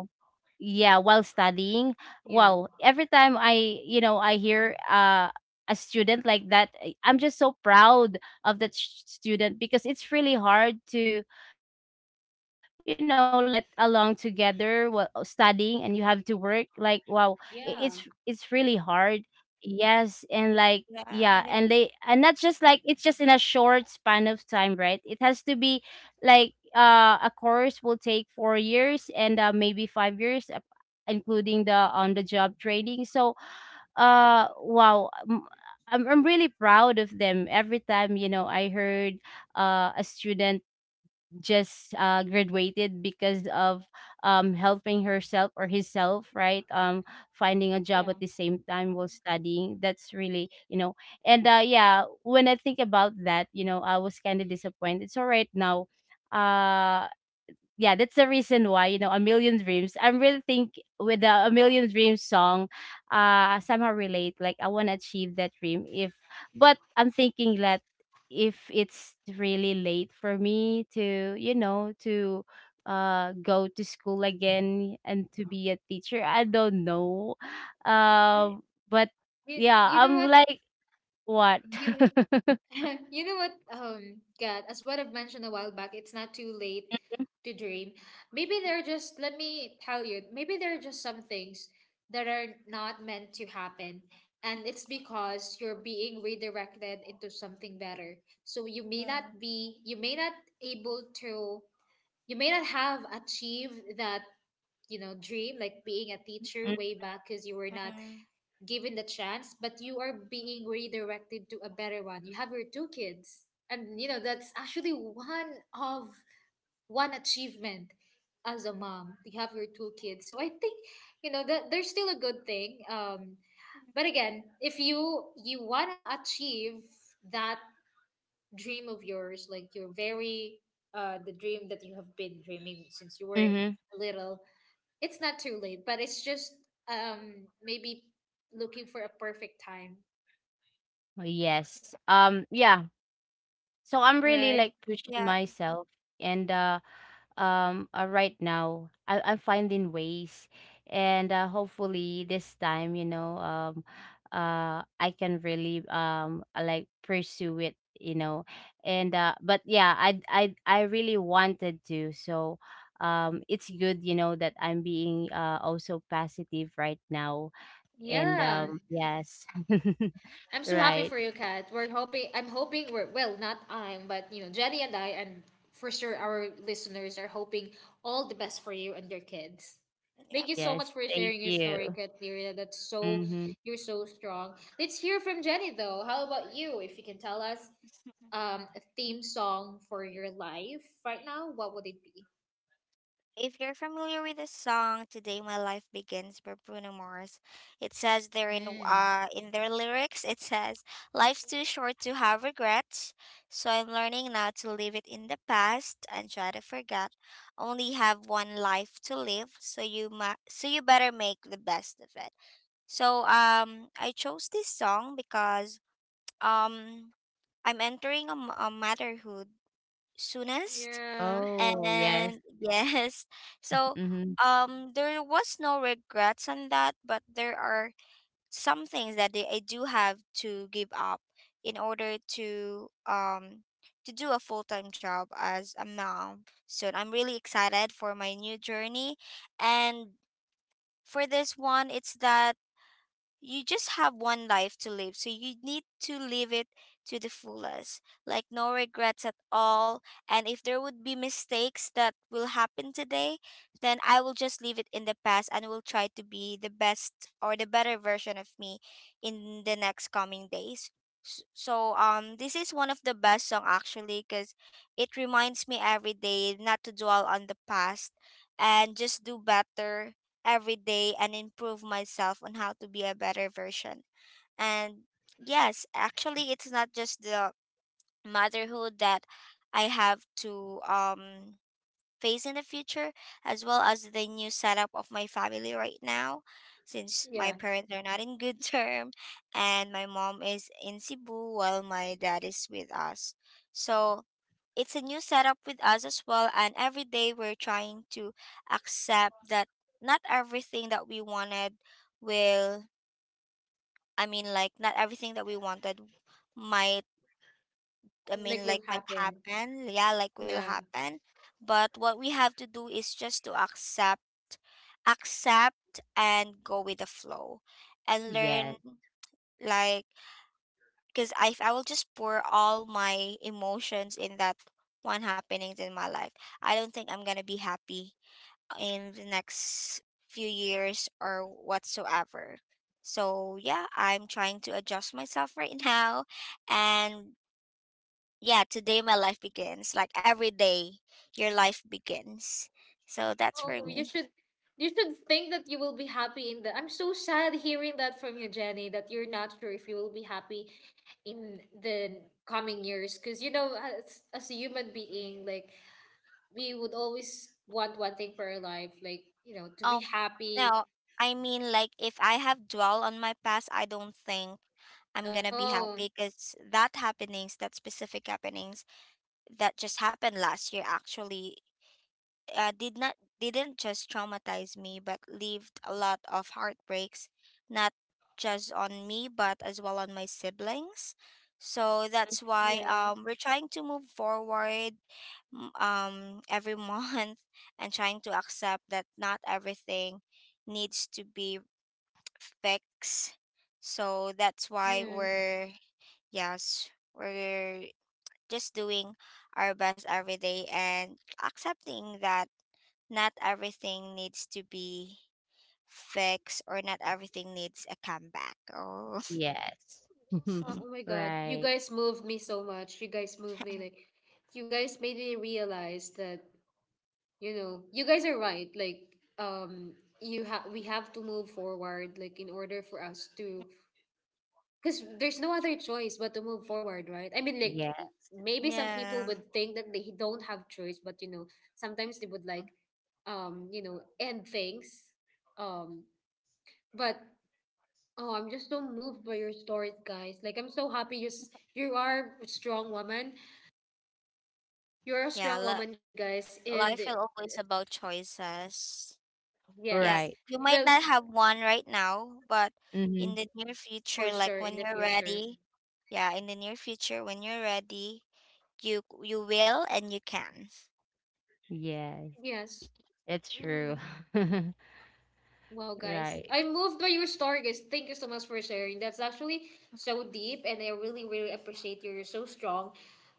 Speaker 2: yeah, while studying. Wow,
Speaker 1: Yeah.
Speaker 2: every time I you know I hear a student like that, I'm just so proud of that student, because it's really hard to you know like get along together while studying, and you have to work. Like wow,
Speaker 1: Yeah.
Speaker 3: mm.
Speaker 2: it's really hard. Yes, and like
Speaker 3: Yeah,
Speaker 2: yeah,
Speaker 3: it is.
Speaker 2: and they, and not just like it's just in a short span of time, right? It has to be like a course will take 4 years, and maybe 5 years including the on the job training. So wow, I'm really proud of them every time you know I heard a student just graduated because of helping herself or himself, right? Finding a job
Speaker 1: Yeah.
Speaker 2: at the same time while studying. That's really, you know. And yeah, when I think about that, you know, I was kind of disappointed. So right now, uh, yeah, that's the reason why, you know, A Million Dreams. I'm really think, with the A Million Dreams song, somehow relate. Like I wanna achieve that dream, if but I'm thinking that if it's really late for me to, you know, to go to school again and to be a teacher. I don't know. Uh,
Speaker 3: Right.
Speaker 2: but yeah,
Speaker 1: You know
Speaker 2: I'm
Speaker 1: what?
Speaker 2: like what?
Speaker 1: You know, you know what? God, as what I've mentioned a while back, it's not too late to dream. Maybe there are just, Let me tell you, maybe there are just some things that are not meant to happen. And it's because you're being redirected into something better. So you may not
Speaker 3: Yeah.
Speaker 1: be, you may not able to, you may not have achieved that dream, like being a teacher way back because you were not
Speaker 3: Mm,
Speaker 1: given the chance, but you are being redirected to a better one. You have your two kids. And that's actually one achievement as a mom. You have your two kids. So I think that there's still a good thing. But again, if you wanna achieve that dream of yours, like your very the dream that you have been dreaming since you were
Speaker 2: Mm-hmm.
Speaker 1: little, it's not too late, but it's just maybe looking for a perfect time.
Speaker 3: yeah.
Speaker 2: Yes. Yeah. So I'm really
Speaker 1: Right.
Speaker 2: like
Speaker 3: Yeah.
Speaker 2: pushing myself. And right now I'm finding ways. And hopefully this time, you know, I can really like pursue it, you know. And but yeah, I really wanted to. So it's good, you know, that I'm being also positive right now. And
Speaker 1: Yeah.
Speaker 2: yes.
Speaker 1: I'm so happy for
Speaker 2: Right.
Speaker 1: you, Kat. We're hoping I'm hoping, we're well, not I'm, but Jenny and I, and for sure, our listeners are hoping all the best for you and your kids.
Speaker 3: Yeah.
Speaker 1: Thank you so much
Speaker 2: Yes.
Speaker 1: for
Speaker 2: Thank
Speaker 1: sharing your story,
Speaker 2: you.
Speaker 1: Kat. Katrina. That's so
Speaker 2: Mhm.
Speaker 1: You're so strong. Let's hear from Jenny though. How about you? If you can tell us a theme song for your life right now, what would it be?
Speaker 3: If you're familiar with the song "Today My Life Begins" by Bruno Mars, it says there
Speaker 1: Mm.
Speaker 3: in their lyrics, it says, "Life's too short to have regrets, so I'm learning now to leave it in the past and try to forget. Only have one life to live, so you ma- so you better make the best of it." So I chose this song because um I'm entering a, a motherhood soonest,
Speaker 1: Yeah.
Speaker 2: Oh, yes.
Speaker 3: and yes, so
Speaker 2: Mm-hmm.
Speaker 3: there was no regrets on that, but there are some things that they, I do have to give up in order to do a full-time job as a mom. So I'm really excited for my new journey, and for this one, it's that you just have one life to live, so you need to live it to the fullest. Like no regrets at all. And if there would be mistakes that will happen today, then I will just leave it in the past and will try to be the best or the better version of me in the next coming days. So this is one of the best song actually cuz it reminds me every day not to dwell on the past and just do better every day and improve myself on how to be a better version. And yes, actually, it's not just the motherhood that I have to face in the future, as well as the new setup of my family right now, since my
Speaker 1: Yeah.
Speaker 3: parents are not in good term, and my mom is in Cebu while my dad is with us. So it's a new setup with us as well, and every day we're trying to accept that not everything that we wanted will, I mean, like, not everything that we wanted might, I
Speaker 1: Like
Speaker 3: mean,
Speaker 1: will
Speaker 3: like, might
Speaker 1: happen.
Speaker 3: happen, yeah, like will
Speaker 1: Yeah.
Speaker 3: happen. But what we have to do is just to accept, accept and go with the flow and learn,
Speaker 2: Yes.
Speaker 3: like, because I, if I will just pour all my emotions in that one happenings in my life, I don't think I'm gonna be happy in the next few years or whatsoever. So yeah, I'm trying to adjust myself right now, and yeah, today my life begins. Like every day, your life begins. So that's for
Speaker 1: Oh,
Speaker 2: Mhm.
Speaker 3: me.
Speaker 1: you should think that you will be happy in the I'm so sad hearing that from you, Jenny, that you're not sure if you will be happy in the coming years. Because as a human being, like we would always want one thing for our life, like to be
Speaker 3: Oh,
Speaker 1: happy.
Speaker 3: no. I mean, like, if I have dwell on my past, I don't think I'm gonna be
Speaker 1: Oh,
Speaker 3: happy because that happenings, that specific happenings that just happened last year, actually, did not, didn't just traumatize me but leaved a lot of heartbreaks not just on me but as well on my siblings. So that's why,
Speaker 1: yeah.
Speaker 3: we're trying to move forward every month, and trying to accept that not everything needs to be fixed. So that's why
Speaker 1: Yeah.
Speaker 3: we're, yes, we're just doing our best every day and accepting that not everything needs to be fixed or not everything needs a comeback. Oh,
Speaker 2: Yes.
Speaker 1: Oh my God. You
Speaker 2: Right.
Speaker 1: guys moved me so much. You guys moved me, like, you guys made me realize that you guys are right, like, um you have we have to move forward, like, in order for us to, because there's no other choice but to move forward, right? I mean, like,
Speaker 2: Yeah.
Speaker 1: maybe some people
Speaker 3: yeah.
Speaker 1: would think that they don't have choice, but sometimes they would like, end things, um but oh I'm just so moved by your stories, guys, like I'm so happy, you are a strong woman, you're a
Speaker 3: Yeah,
Speaker 1: strong woman, guys, and
Speaker 3: life is always about choices.
Speaker 1: yes,
Speaker 3: Yeah,
Speaker 2: Right.
Speaker 3: you
Speaker 1: well,
Speaker 3: might not have one right now, but in
Speaker 2: Mm-hmm.
Speaker 3: the near
Speaker 1: for
Speaker 3: future,
Speaker 1: sure, in
Speaker 3: like
Speaker 1: the
Speaker 3: when you're
Speaker 1: future.
Speaker 3: ready, yeah, in the near future, when you're ready, you will and you can.
Speaker 2: Yes.
Speaker 1: Yes.
Speaker 2: It's true.
Speaker 1: Mm. Well, guys,
Speaker 2: Right.
Speaker 1: I'm moved by your story, guys. Thank you so much for sharing. That's actually so deep, and I really, really appreciate you. You're so strong,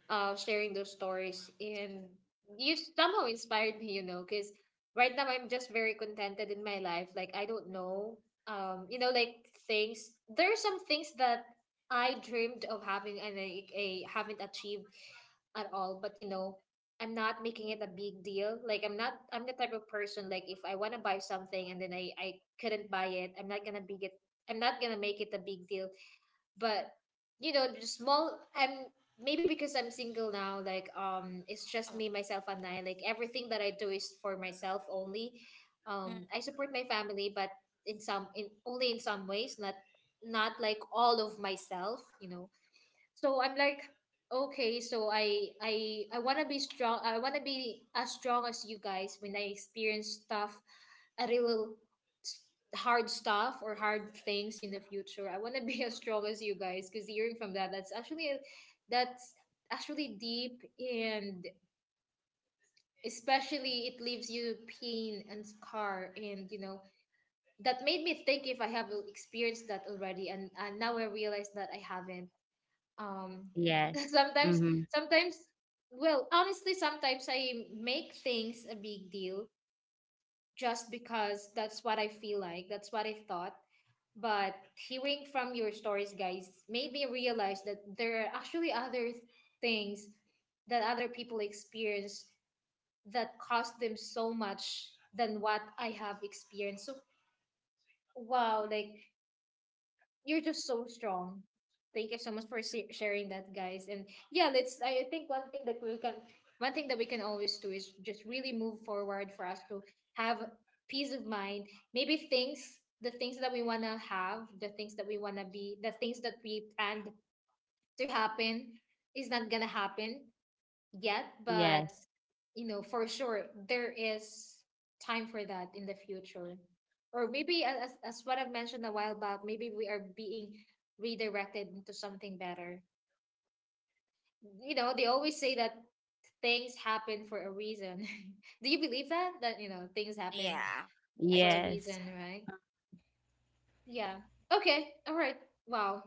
Speaker 1: sharing those stories, and you somehow inspired me. Because right now I'm just very contented in my life. Like I don't know, like things. There are some things that I dreamed of having, and I haven't achieved at all. But I'm not making it a big deal. Like, I'm not I'm the type of person. Like, if I want to buy something, and then I couldn't buy it, I'm not gonna make it a big deal. But the small I'm maybe because I'm single now, like, it's just
Speaker 3: Oh,
Speaker 1: me, myself, and I. Like everything that I do is for myself only.
Speaker 3: mm,
Speaker 1: I support my family, but in only in some ways. Not, not like all of myself, you know? So I'm like, okay, so I want to be strong. I want to be as strong as you guys when I experience stuff. a real s- Hard stuff or hard things in the future, I want to be as strong as you guys, because hearing from that, that's actually deep, and especially it leaves you pain and scar. And that made me think if I have experienced that already, and now I realize that I haven't. um
Speaker 2: Yes.
Speaker 1: sometimes
Speaker 2: Mm-hmm.
Speaker 1: sometimes well honestly sometimes I make things a big deal, just because that's what I feel, like that's what I thought. But hearing from your stories, guys, made me realize that there are actually other things that other people experience, that cost them so much than what I have experienced. So, wow, like, you're just so strong. Thank you so much for sharing that, guys. And yeah, let's. I think one thing that we can always do is just really move forward for us to have peace of mind. Maybe things, the things that we wanna have, the things that we wanna be, the things that we planned to happen, is not gonna happen yet. But
Speaker 2: Yes.
Speaker 1: for sure there is time for that in the future, or maybe as what I've mentioned a while back, maybe we are being redirected into something better. They always say that things happen for a reason. Do you believe that things happen
Speaker 3: yeah, I
Speaker 1: for a
Speaker 3: do.
Speaker 1: reason,
Speaker 2: Yes.
Speaker 1: right? Yeah. Okay. All right. Wow,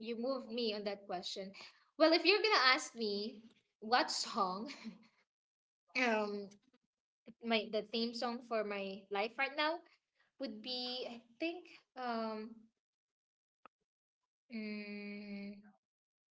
Speaker 1: you moved me on that question. Well, if you're gonna ask me what song, um my the theme song for my life right now would be, I think, um mm,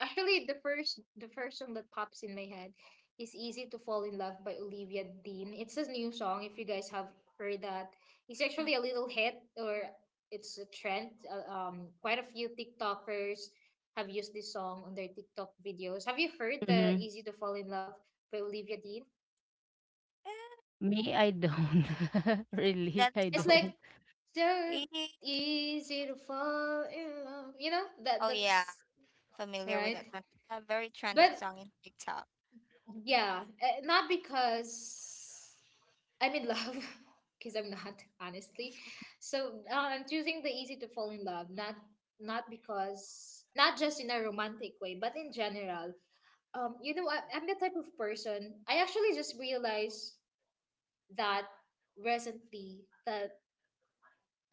Speaker 1: actually, the first song that pops in my head is Easy to Fall in Love by Olivia Dean. It's a new song if you guys have heard that. It's
Speaker 3: Mm.
Speaker 1: actually a little hit or it's a trend. Quite a few TikTokers have used this song on their TikTok videos. Have you heard the
Speaker 2: Mm-hmm.
Speaker 1: Easy to Fall in Love by Olivia Dean?
Speaker 3: Eh,
Speaker 2: Me, I don't.
Speaker 3: is that, is
Speaker 2: Really,
Speaker 3: that
Speaker 2: I
Speaker 3: a
Speaker 1: It's like
Speaker 3: song?
Speaker 2: don't.
Speaker 1: so
Speaker 3: Eh,
Speaker 1: easy to fall in love. You know that
Speaker 3: oh yeah,
Speaker 1: that's
Speaker 3: familiar with
Speaker 1: right.
Speaker 3: that song. It's a very trending
Speaker 1: But
Speaker 3: song in TikTok.
Speaker 1: yeah, not because I'm in love, because I'm not, honestly. So I'm choosing the easy to fall in love, not because not just in a romantic way, but in general. I'm the type of person. I actually just realized that recently that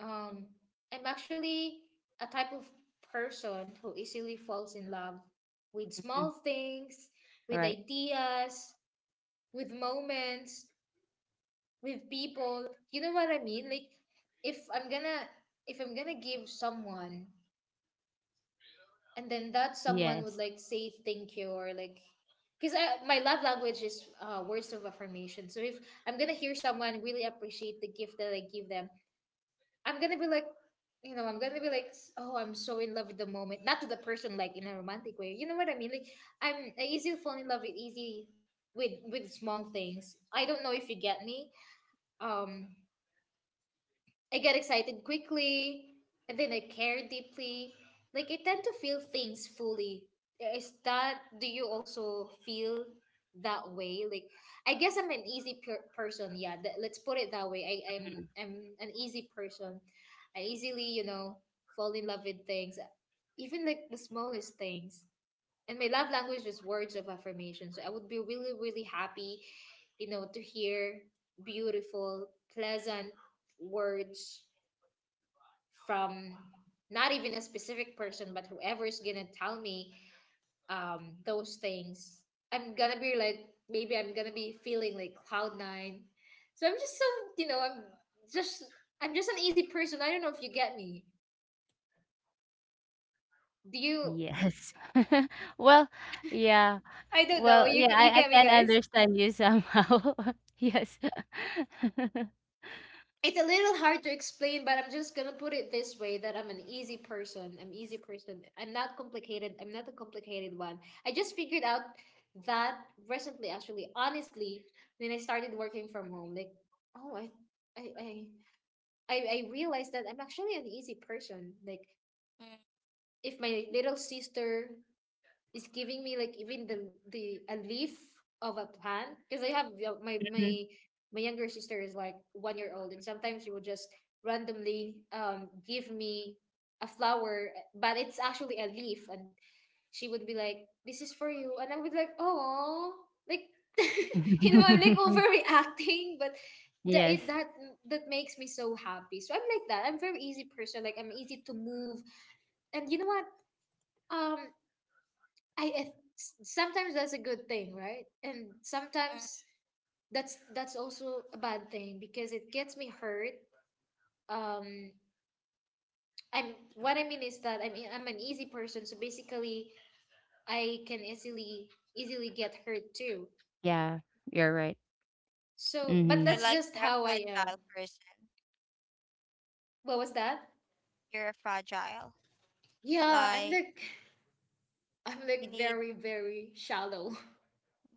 Speaker 1: um, I'm actually a type of person who easily falls in love with
Speaker 2: Mhm.
Speaker 1: small things, with
Speaker 2: Right.
Speaker 1: ideas, with moments with people. You know what I mean? Like if I'm gonna if I'm gonna give someone and then that someone would
Speaker 2: Yes.
Speaker 1: like say thank you or like because my love language is words of affirmation. So if I'm gonna hear someone really appreciate the gift that I give them, I'm gonna be like, you know, I'm gonna be like, oh, I'm so in love with the moment. Not to the person like in a romantic way. You know what I mean? Like I easily fall in love with easy with small things. I don't know if you get me. Um, I get excited quickly, and then I care deeply. Like I tend to feel things fully. Is that do you also feel that way? Like I guess I'm an easy person. Yeah, let's put it that way. I'm an easy person. I easily fall in love with things, even like the smallest things. And my love language is words of affirmation. So I would be really really happy, to hear beautiful, pleasant words from not even a specific person, but whoever is gonna tell me those things, I'm gonna be like maybe I'm gonna be feeling like cloud nine. So I'm just you know I'm just an easy person. I don't know if you get me. Do you?
Speaker 2: Yes. Well, yeah.
Speaker 1: I don't know.
Speaker 2: Well,
Speaker 1: You
Speaker 2: yeah,
Speaker 1: you
Speaker 2: I
Speaker 1: get me,
Speaker 2: can
Speaker 1: guys.
Speaker 2: understand you somehow. Yes.
Speaker 1: It's a little hard to explain, but I'm just gonna put it this way that I'm an easy person. I'm easy person. I'm not complicated. I'm not a complicated one. I just figured out that recently, actually, honestly, when I started working from home, like, oh, I, I, I realized that I'm actually an easy person. Like,
Speaker 3: Mm.
Speaker 1: if my little sister is giving me like even the a leaf of a plant because I have
Speaker 2: Mhm.
Speaker 1: my younger sister is like 1 year old and sometimes she will just randomly give me a flower, but it's actually a leaf, and she would be like this is for you, and I would like oh like you know I'm like overreacting, but that
Speaker 2: Yes.
Speaker 1: it that that makes me so happy. So I'm like that, I'm very easy person, like I'm easy to move. And you know what, um I I- sometimes that's a good thing, right? And
Speaker 3: Mm.
Speaker 1: sometimes that's also a bad thing because it gets me hurt. Um, I'm what I mean is that I mean I'm an easy person, so basically I can easily get hurt too.
Speaker 2: Yeah, you're right.
Speaker 1: So, but
Speaker 3: So
Speaker 2: Mhm.
Speaker 1: that's
Speaker 3: like
Speaker 1: just
Speaker 3: you're a
Speaker 1: how I am.
Speaker 3: fragile person.
Speaker 1: What was that?
Speaker 3: You're a fragile.
Speaker 1: Yeah, I'm
Speaker 3: Like
Speaker 1: like I'm
Speaker 3: you
Speaker 1: like
Speaker 3: need.
Speaker 1: very very shallow.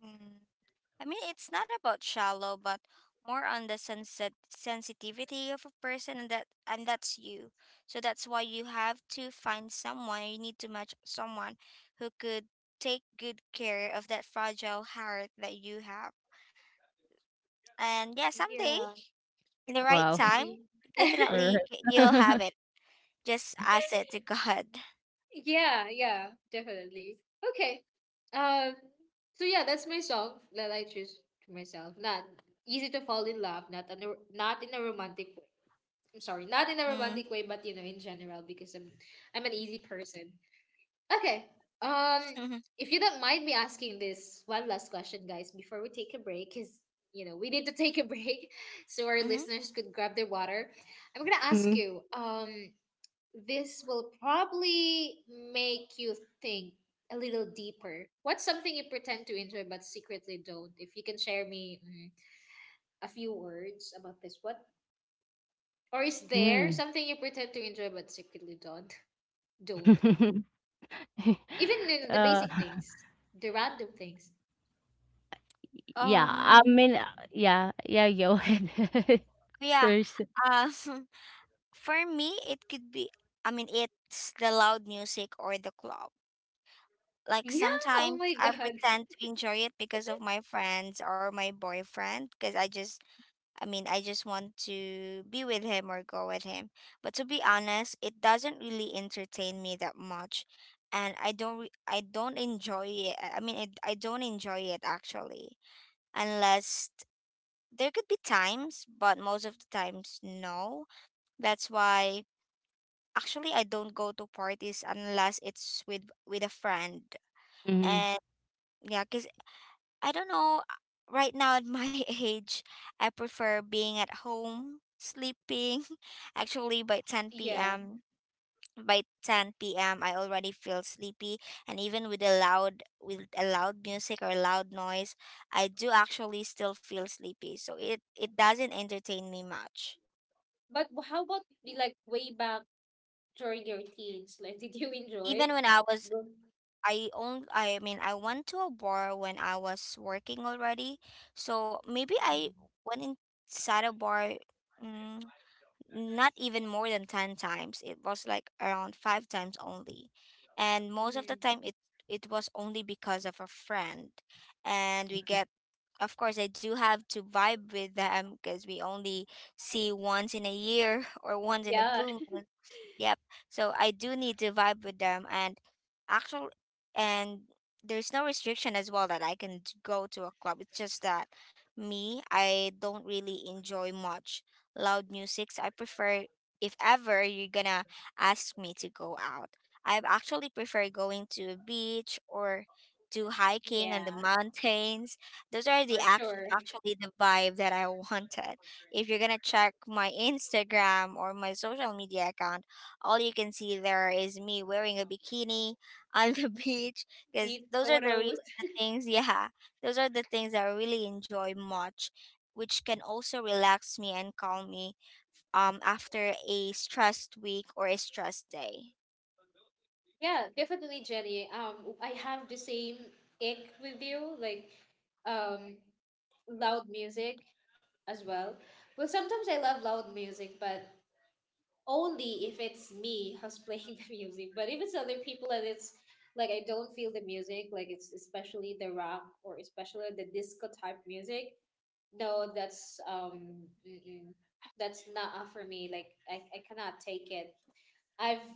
Speaker 3: Mm, I mean, it's not about shallow, but more on the sensitivity of a person, and that and that's you. So that's why you have to find someone. You need to match someone who could take good care of that fragile heart that you have. And yeah, someday
Speaker 1: Yeah,
Speaker 3: in the right
Speaker 2: Wow.
Speaker 3: time,
Speaker 1: maybe.
Speaker 3: you'll
Speaker 2: Alright.
Speaker 3: have it. Just ask it to God.
Speaker 1: Yeah, yeah, definitely. Okay. Um. So yeah, that's my song that I choose to myself. Not easy to fall in love. Not in a romantic way. I'm sorry, not in a
Speaker 3: Mm.
Speaker 1: romantic way, but in general, because I'm an easy person. Okay. Um. If you don't mind me asking this one last question, guys, before we take a break, because you know we need to take a break, so our
Speaker 3: Mm-hmm.
Speaker 1: listeners could grab their water. I'm gonna ask
Speaker 2: Mhm.
Speaker 1: you. This will probably make you think a little deeper. What's something you pretend to enjoy but secretly don't? If you can share me a few words about this, what? Or is there
Speaker 2: Mm.
Speaker 1: something you pretend to enjoy but secretly don't? Don't. Even in the
Speaker 2: Uh,
Speaker 1: basic things, the random things.
Speaker 2: yeah, I
Speaker 3: Um.
Speaker 2: mean, yeah, yeah, go ahead
Speaker 3: Yeah.
Speaker 2: first.
Speaker 3: Um. For me, it could be, I mean, it's the loud music or the club.
Speaker 1: Yeah,
Speaker 3: Like
Speaker 1: oh my
Speaker 3: sometimes I
Speaker 1: god.
Speaker 3: pretend to enjoy it because of my friends or my boyfriend, because I just, I mean, I just want to be with him or go with him. But to be honest, it doesn't really entertain me that much. And I don't, I don't enjoy it. I mean, it, I don't enjoy it actually, unless, there could be times, but most of the times, no. That's why actually I don't go to parties unless it's with a friend.
Speaker 2: Mhm.
Speaker 3: And yeah, cuz I don't know right now at my age, I prefer being at home sleeping. Actually by 10
Speaker 1: Yeah.
Speaker 3: p.m. by 10 p.m. I already feel sleepy, and even with a loud music or loud noise, I do actually still feel sleepy. So it doesn't entertain me much.
Speaker 1: But how about the, like way back during your teens? Like, did you enjoy?
Speaker 3: Even when I was
Speaker 1: Go-
Speaker 3: I mean I went to a bar when I was working already. So maybe I
Speaker 1: Mhm.
Speaker 3: went inside a bar, mm, not even more than 10 times. It was like around 5 times only. And most of the
Speaker 1: Mhm.
Speaker 3: time it it was only because of a friend. And we
Speaker 2: Mhm.
Speaker 3: get, of course I do have to vibe with them because we only see once in a year or once in a
Speaker 1: Yeah,
Speaker 3: blue moon. Yep. So I do need to vibe with them, and actual, and there's no restriction as well that I can go to a club. It's just that me, I don't really enjoy much loud musics. I prefer, if ever you're gonna ask me to go out, I actually prefer going to a beach or do hiking on the mountains. Those are the
Speaker 1: for sure.
Speaker 3: actually the vibe that I wanted. If you're gonna check my Instagram or my social media account, all you can see there is me wearing a bikini on the beach because
Speaker 1: These
Speaker 3: those are the
Speaker 1: photos.
Speaker 3: real the things, yeah, those are the things I really enjoy much, which can also relax me and calm me after a stressed week or a stressed day.
Speaker 1: Yeah, definitely, Jenny. I have the same ick with you, like um, loud music as well. Well, sometimes I love loud music, but only if it's me who's playing the music. But if it's other people and it's like I don't feel the music, like it's especially the rock or especially the disco type music. No, that's mm-mm, that's not for me. Like I cannot take it. I've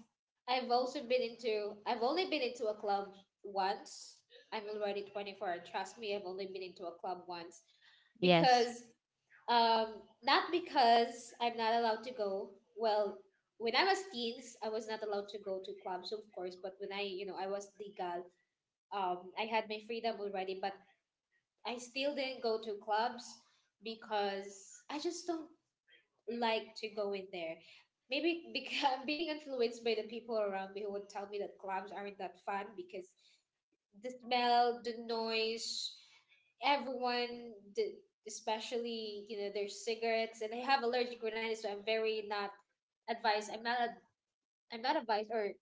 Speaker 1: I've only been into a club once. I'm already 24. Trust me, I've only been into a club once
Speaker 2: Yes.
Speaker 1: because um not because I'm not allowed to go. Well, when I was teens, I was not allowed to go to clubs, of course, but when I was legal, I had my freedom already, but I still didn't go to clubs because I just don't like to go in there. Maybe because being influenced by the people around me who would tell me that clubs aren't that fun because the smell, the noise, everyone, especially their cigarettes, and I have allergic rhinitis, so I'm very not advised. I'm not advised, or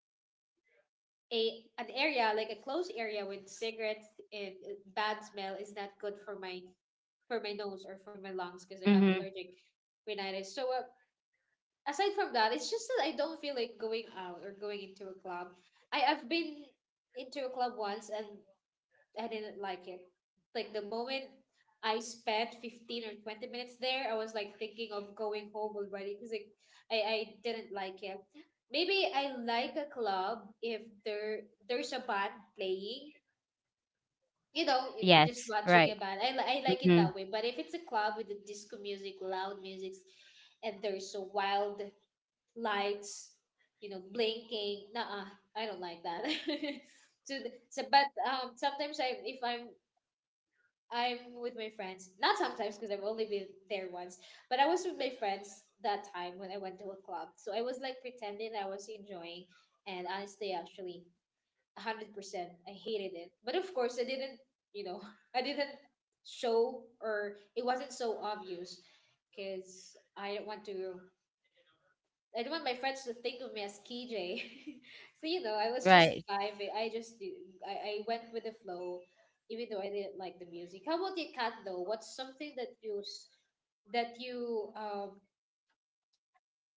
Speaker 1: a an area like a closed area with cigarettes and bad smell is not good for my nose or for my lungs because I have
Speaker 2: Mhm.
Speaker 1: allergic rhinitis. So aside from that, it's just that I don't feel like going out or going into a club. I've been into a club once, and I didn't like it. Like the moment I spent 15 or 20 minutes there, I was like thinking of going home already because like, I didn't like it. Maybe I like a club if there's a band playing. You know, just
Speaker 2: Yes,
Speaker 1: watching a
Speaker 2: right.
Speaker 1: band. I like it that
Speaker 2: Mhm.
Speaker 1: way. But if it's a club with the disco music, loud music, and there's a wild lights, blinking. Nah, I don't like that. So, but sometimes I, if I'm, I'm with my friends. Not sometimes because I've only been there once. But I was with my friends that time when I went to a club. So I was like pretending I was enjoying, and honestly, actually, 100%, I hated it. But of course, I didn't. You know, I didn't show, or it wasn't so obvious because I don't want my friends to think of me as KJ. So, I was just
Speaker 2: Right.
Speaker 1: vibing. I just did, I went with the flow, even though I didn't like the music. How about you, Kat? Though, what's something that you s- that you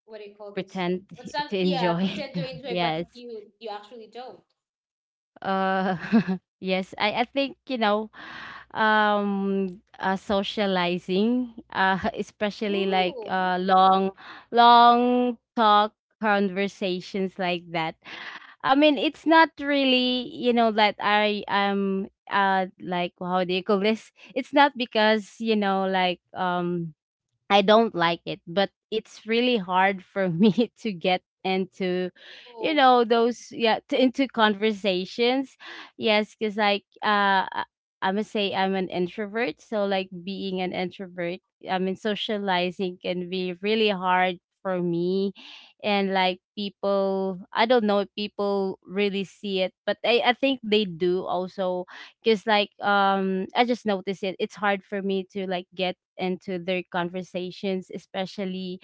Speaker 1: what do you call this?
Speaker 2: Pretend
Speaker 1: What's some,
Speaker 2: to
Speaker 1: yeah,
Speaker 2: enjoy.
Speaker 1: pretend to enjoy, but
Speaker 2: Yes.
Speaker 1: you actually don't.
Speaker 2: Uh, yes, I think, you know, socializing, especially like
Speaker 1: Ooh.
Speaker 2: long, long talk conversations like that. I mean, it's not really, you know, that I am, like, how do you call this? It's not because, you know, like, I don't like it, but it's really hard for me to get into, you
Speaker 1: Oh.
Speaker 2: know, those yeah to, into conversations. Yes, because like I'm gonna say I'm an introvert. So like being an introvert, I mean socializing can be really hard for me. And like people, I don't know if people really see it, but I think they do also, because like I just noticed it. It's hard for me to like get into their conversations, especially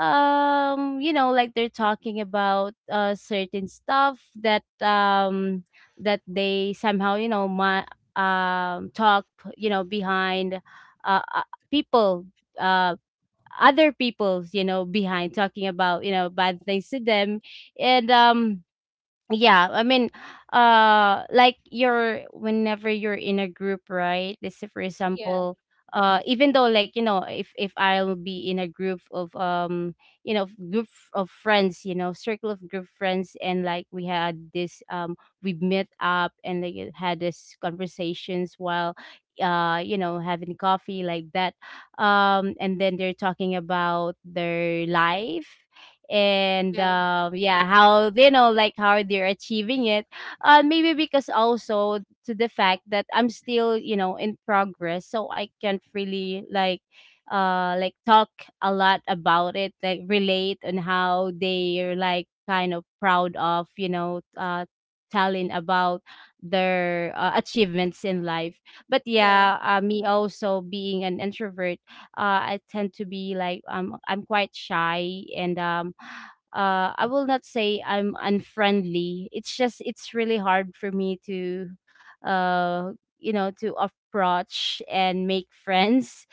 Speaker 2: you know like they're talking about certain stuff that that they somehow you know my talk you know behind uh uh, people uh other people's you know, behind talking about you know bad things to them. And yeah, I mean, like you're whenever you're in a group, right? Let's say, for
Speaker 1: Yeah,
Speaker 2: example, even though like you know, if I'll be in a group of you know, group of friends, you know, circle of group friends, and like we had this we met up and like it had this conversations while you know having coffee like that. And then they're talking about their life and
Speaker 1: yeah,
Speaker 2: yeah, how you know like how they're achieving it. Maybe because also to the fact that I'm still you know in progress, so I can't really like talk a lot about it, like relate on how they're like kind of proud of you know telling about their achievements in life. But
Speaker 1: yeah.
Speaker 2: yeah, me also being an introvert, I tend to be like I'm quite shy and I will not say I'm unfriendly. It's just it's really hard for me to, uh, to approach and make friends.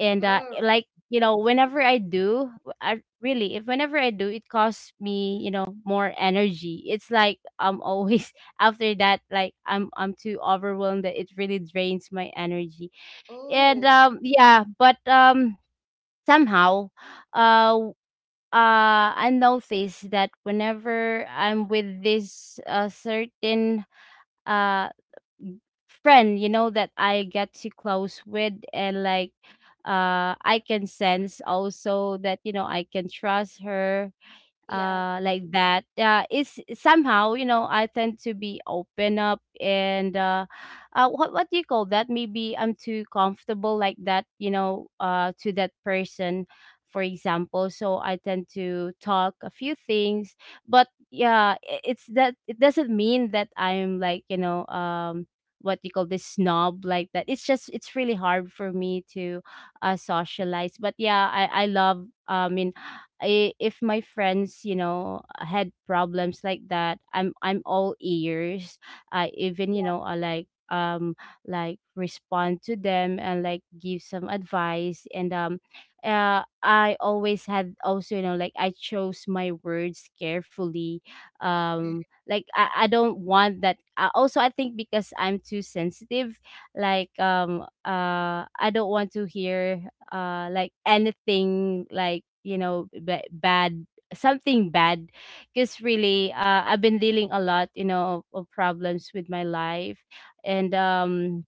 Speaker 2: And
Speaker 1: Oh.
Speaker 2: like you know, whenever I do, I really if whenever I do, it costs me you know more energy. It's like I'm always after that, like I'm too overwhelmed that it really drains my energy. And
Speaker 1: Oh.
Speaker 2: yeah, but somehow uh w- I notice that whenever I'm with this certain uh friend you know that I get too close with, and like I can sense also that you know I can trust her.
Speaker 1: Yeah.
Speaker 2: Like that is somehow you know I tend to be open up, and what do you call that, maybe I'm too comfortable like that you know to that person, for example. So I tend to talk a few things, but yeah, it's that it doesn't mean that I'm like you know what you call this, snob like that. It's just it's really hard for me to socialize. But yeah, I love you. If my friends, had problems like that, I'm all ears. I even you know I like respond to them and like give some advice, and I always had also you know, like I chose my words carefully.
Speaker 1: Mm.
Speaker 2: Like I don't want that also I think because I'm too sensitive. Like I don't want to hear like anything like you know bad, something bad, because really I've been dealing a lot you know of problems with my life. And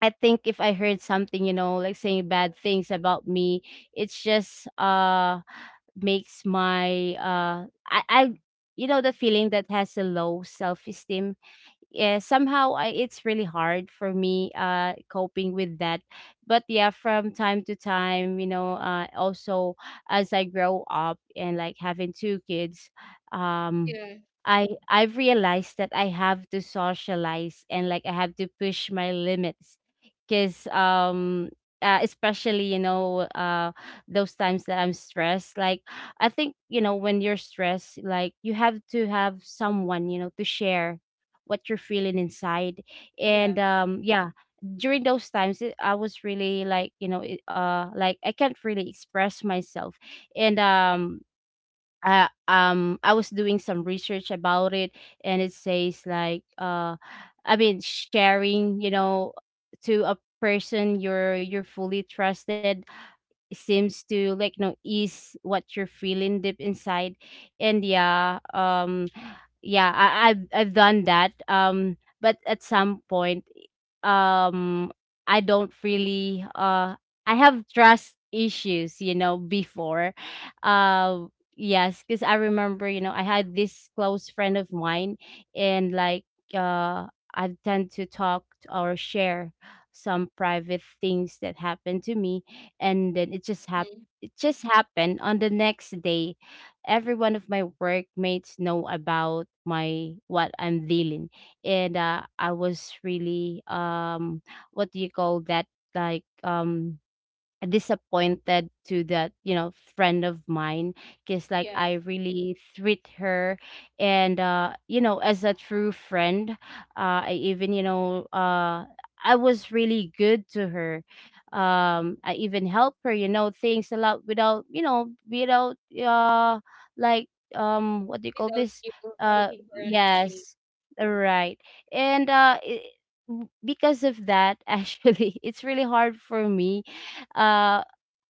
Speaker 2: I think if I heard something you know like saying bad things about me, it's just makes my I you know, the feeling that has a low self-esteem. Yeah, somehow it's really hard for me coping with that. But yeah, from time to time you know also, as I grow up and like having two kids, um
Speaker 1: Yeah.
Speaker 2: I've realized that I have to socialize and like I have to push my limits. Because especially you know those times that I'm stressed, like I think you know when you're stressed, like you have to have someone you know to share what you're feeling inside.
Speaker 1: Yeah.
Speaker 2: And yeah, during those times, I was really like you know, like I can't really express myself. And I was doing some research about it, and it says like I mean, sharing you know to a person you're fully trusted seems to like you know ease what you're feeling deep inside. And yeah, yeah, I've done that but at some point um I don't really I have trust issues you know before. uh yes, because I remember you know I had this close friend of mine, and like uh I tend to talk or share some private things that happened to me. And then it just happened,
Speaker 1: Mm.
Speaker 2: it just happened on the next day, every one of my workmates know about my what I'm dealing. And I was really what do you call that, like disappointed to that you know friend of mine, because like
Speaker 1: Yeah.
Speaker 2: I really treat her and you know as a true friend. I even you know I was really good to her. I even help her you know, things a lot, without you know, without uh like what do you call
Speaker 1: Without
Speaker 2: this,
Speaker 1: you looking for an exchange.
Speaker 2: yes, right. And I because of that actually it's really hard for me. uh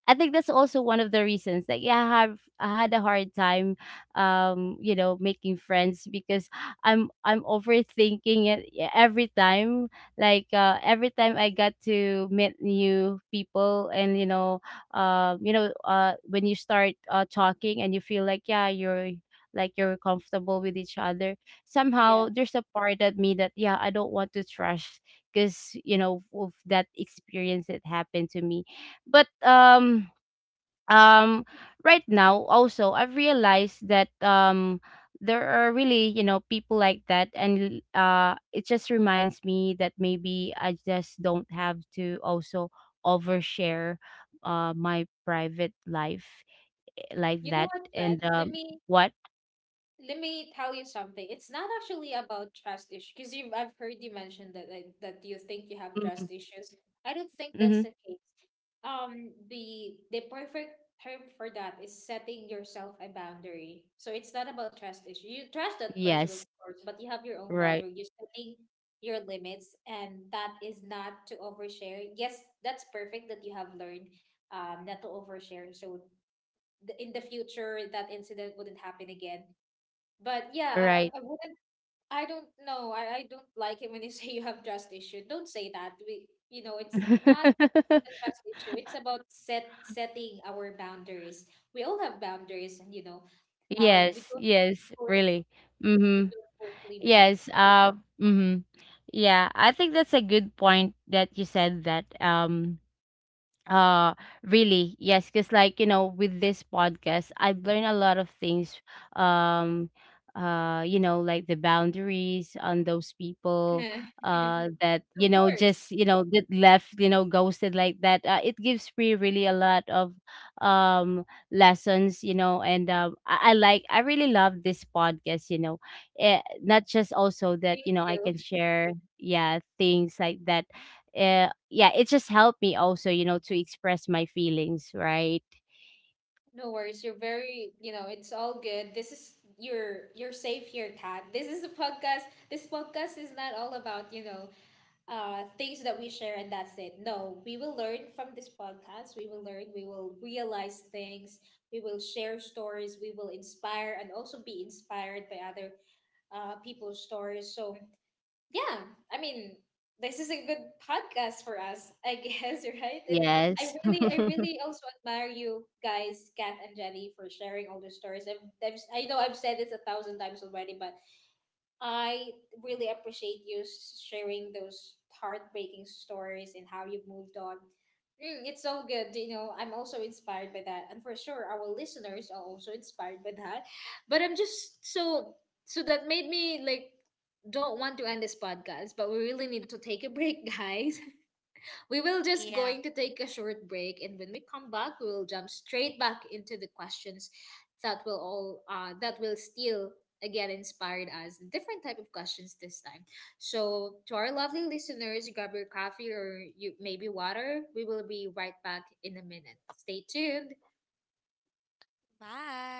Speaker 2: I think that's also one of the reasons that yeah, I had a hard time you know making friends, because I'm overthinking it every time. Like every time I got to meet new people, and you know when you start talking and you feel like yeah you're like you're comfortable with each other, somehow
Speaker 1: Yeah.
Speaker 2: there's a part of me that yeah, I don't want to trust, because you know of that experience that happened to me. But um right now, also, I've realized that there are really you know people like that, and it just reminds me that maybe I just don't have to also overshare my private life, like
Speaker 1: You know
Speaker 2: that.
Speaker 1: what,
Speaker 2: And
Speaker 1: Beth? Let me
Speaker 2: what?
Speaker 1: let me tell you something. It's not actually about trust issue because you I've heard you mention that I- that you think you have
Speaker 2: Mm-hmm.
Speaker 1: trust issues. I don't think that's
Speaker 2: Hmm.
Speaker 1: the case. The perfect term for that is setting yourself a boundary. So it's not about trust issue. You trust that person, of
Speaker 2: Yes.
Speaker 1: course, but you have your own
Speaker 2: Right.
Speaker 1: boundary. You're setting your limits, and that is not to overshare. Yes, that's perfect that you have learned not to overshare. So in the future that incident wouldn't happen again. But yeah, I,
Speaker 2: Right.
Speaker 1: I I wouldn't. I don't know. I don't like it when you say you have trust issue. Don't say that. It's not a trust issue. It's about setting our boundaries. We all have boundaries, and we
Speaker 2: Yes,
Speaker 1: don't
Speaker 2: yes,
Speaker 1: push.
Speaker 2: really.
Speaker 1: We
Speaker 2: Mm-hmm.
Speaker 1: don't push limits.
Speaker 2: Yes. Mm-hmm. Yeah, I think that's a good point that you said that. Uh, really, yes, because like you know, with this podcast, I've learned a lot of things. Um, you know, like the boundaries on those people,
Speaker 1: Eh,
Speaker 2: that you
Speaker 1: of
Speaker 2: know,
Speaker 1: course.
Speaker 2: just you know, that left, you know, ghosted like that. It gives me really a lot of um lessons, you know. And I like, I really love this podcast, you know. Not just also that
Speaker 1: Thank
Speaker 2: you know I
Speaker 1: you.
Speaker 2: can share, yeah, things like that. Yeah, it just helped me also, you know, to express my feelings, right?
Speaker 1: No worries. You're very, it's all good. This is your you're safe here, Kat. This is a podcast. This podcast is not all about, things that we share, and that's it. No, we will learn from this podcast. We will learn, we will realize things, we will share stories, we will inspire and also be inspired by other people's stories. So, yeah, I mean, this is a good podcast for us, I guess, right? And I
Speaker 2: Yes.
Speaker 1: really, I really also admire you guys, Kat and Jenny, for sharing all the stories. I know I've said this a thousand times already, but I really appreciate you sharing those heartbreaking stories and how you've moved on. It's so good. You know, I'm also inspired by that. And for sure, our listeners are also inspired by that. But I'm just so, so that we like don't want to end this podcast, but we really need to take a break, guys. we will just
Speaker 3: Yeah.
Speaker 1: going to take a short break, and when we come back, we will jump straight back into the questions that will still again inspired us different type of questions this time. So to our lovely listeners, grab your coffee or you maybe water. We will be right back in a minute. Stay tuned.
Speaker 3: Bye.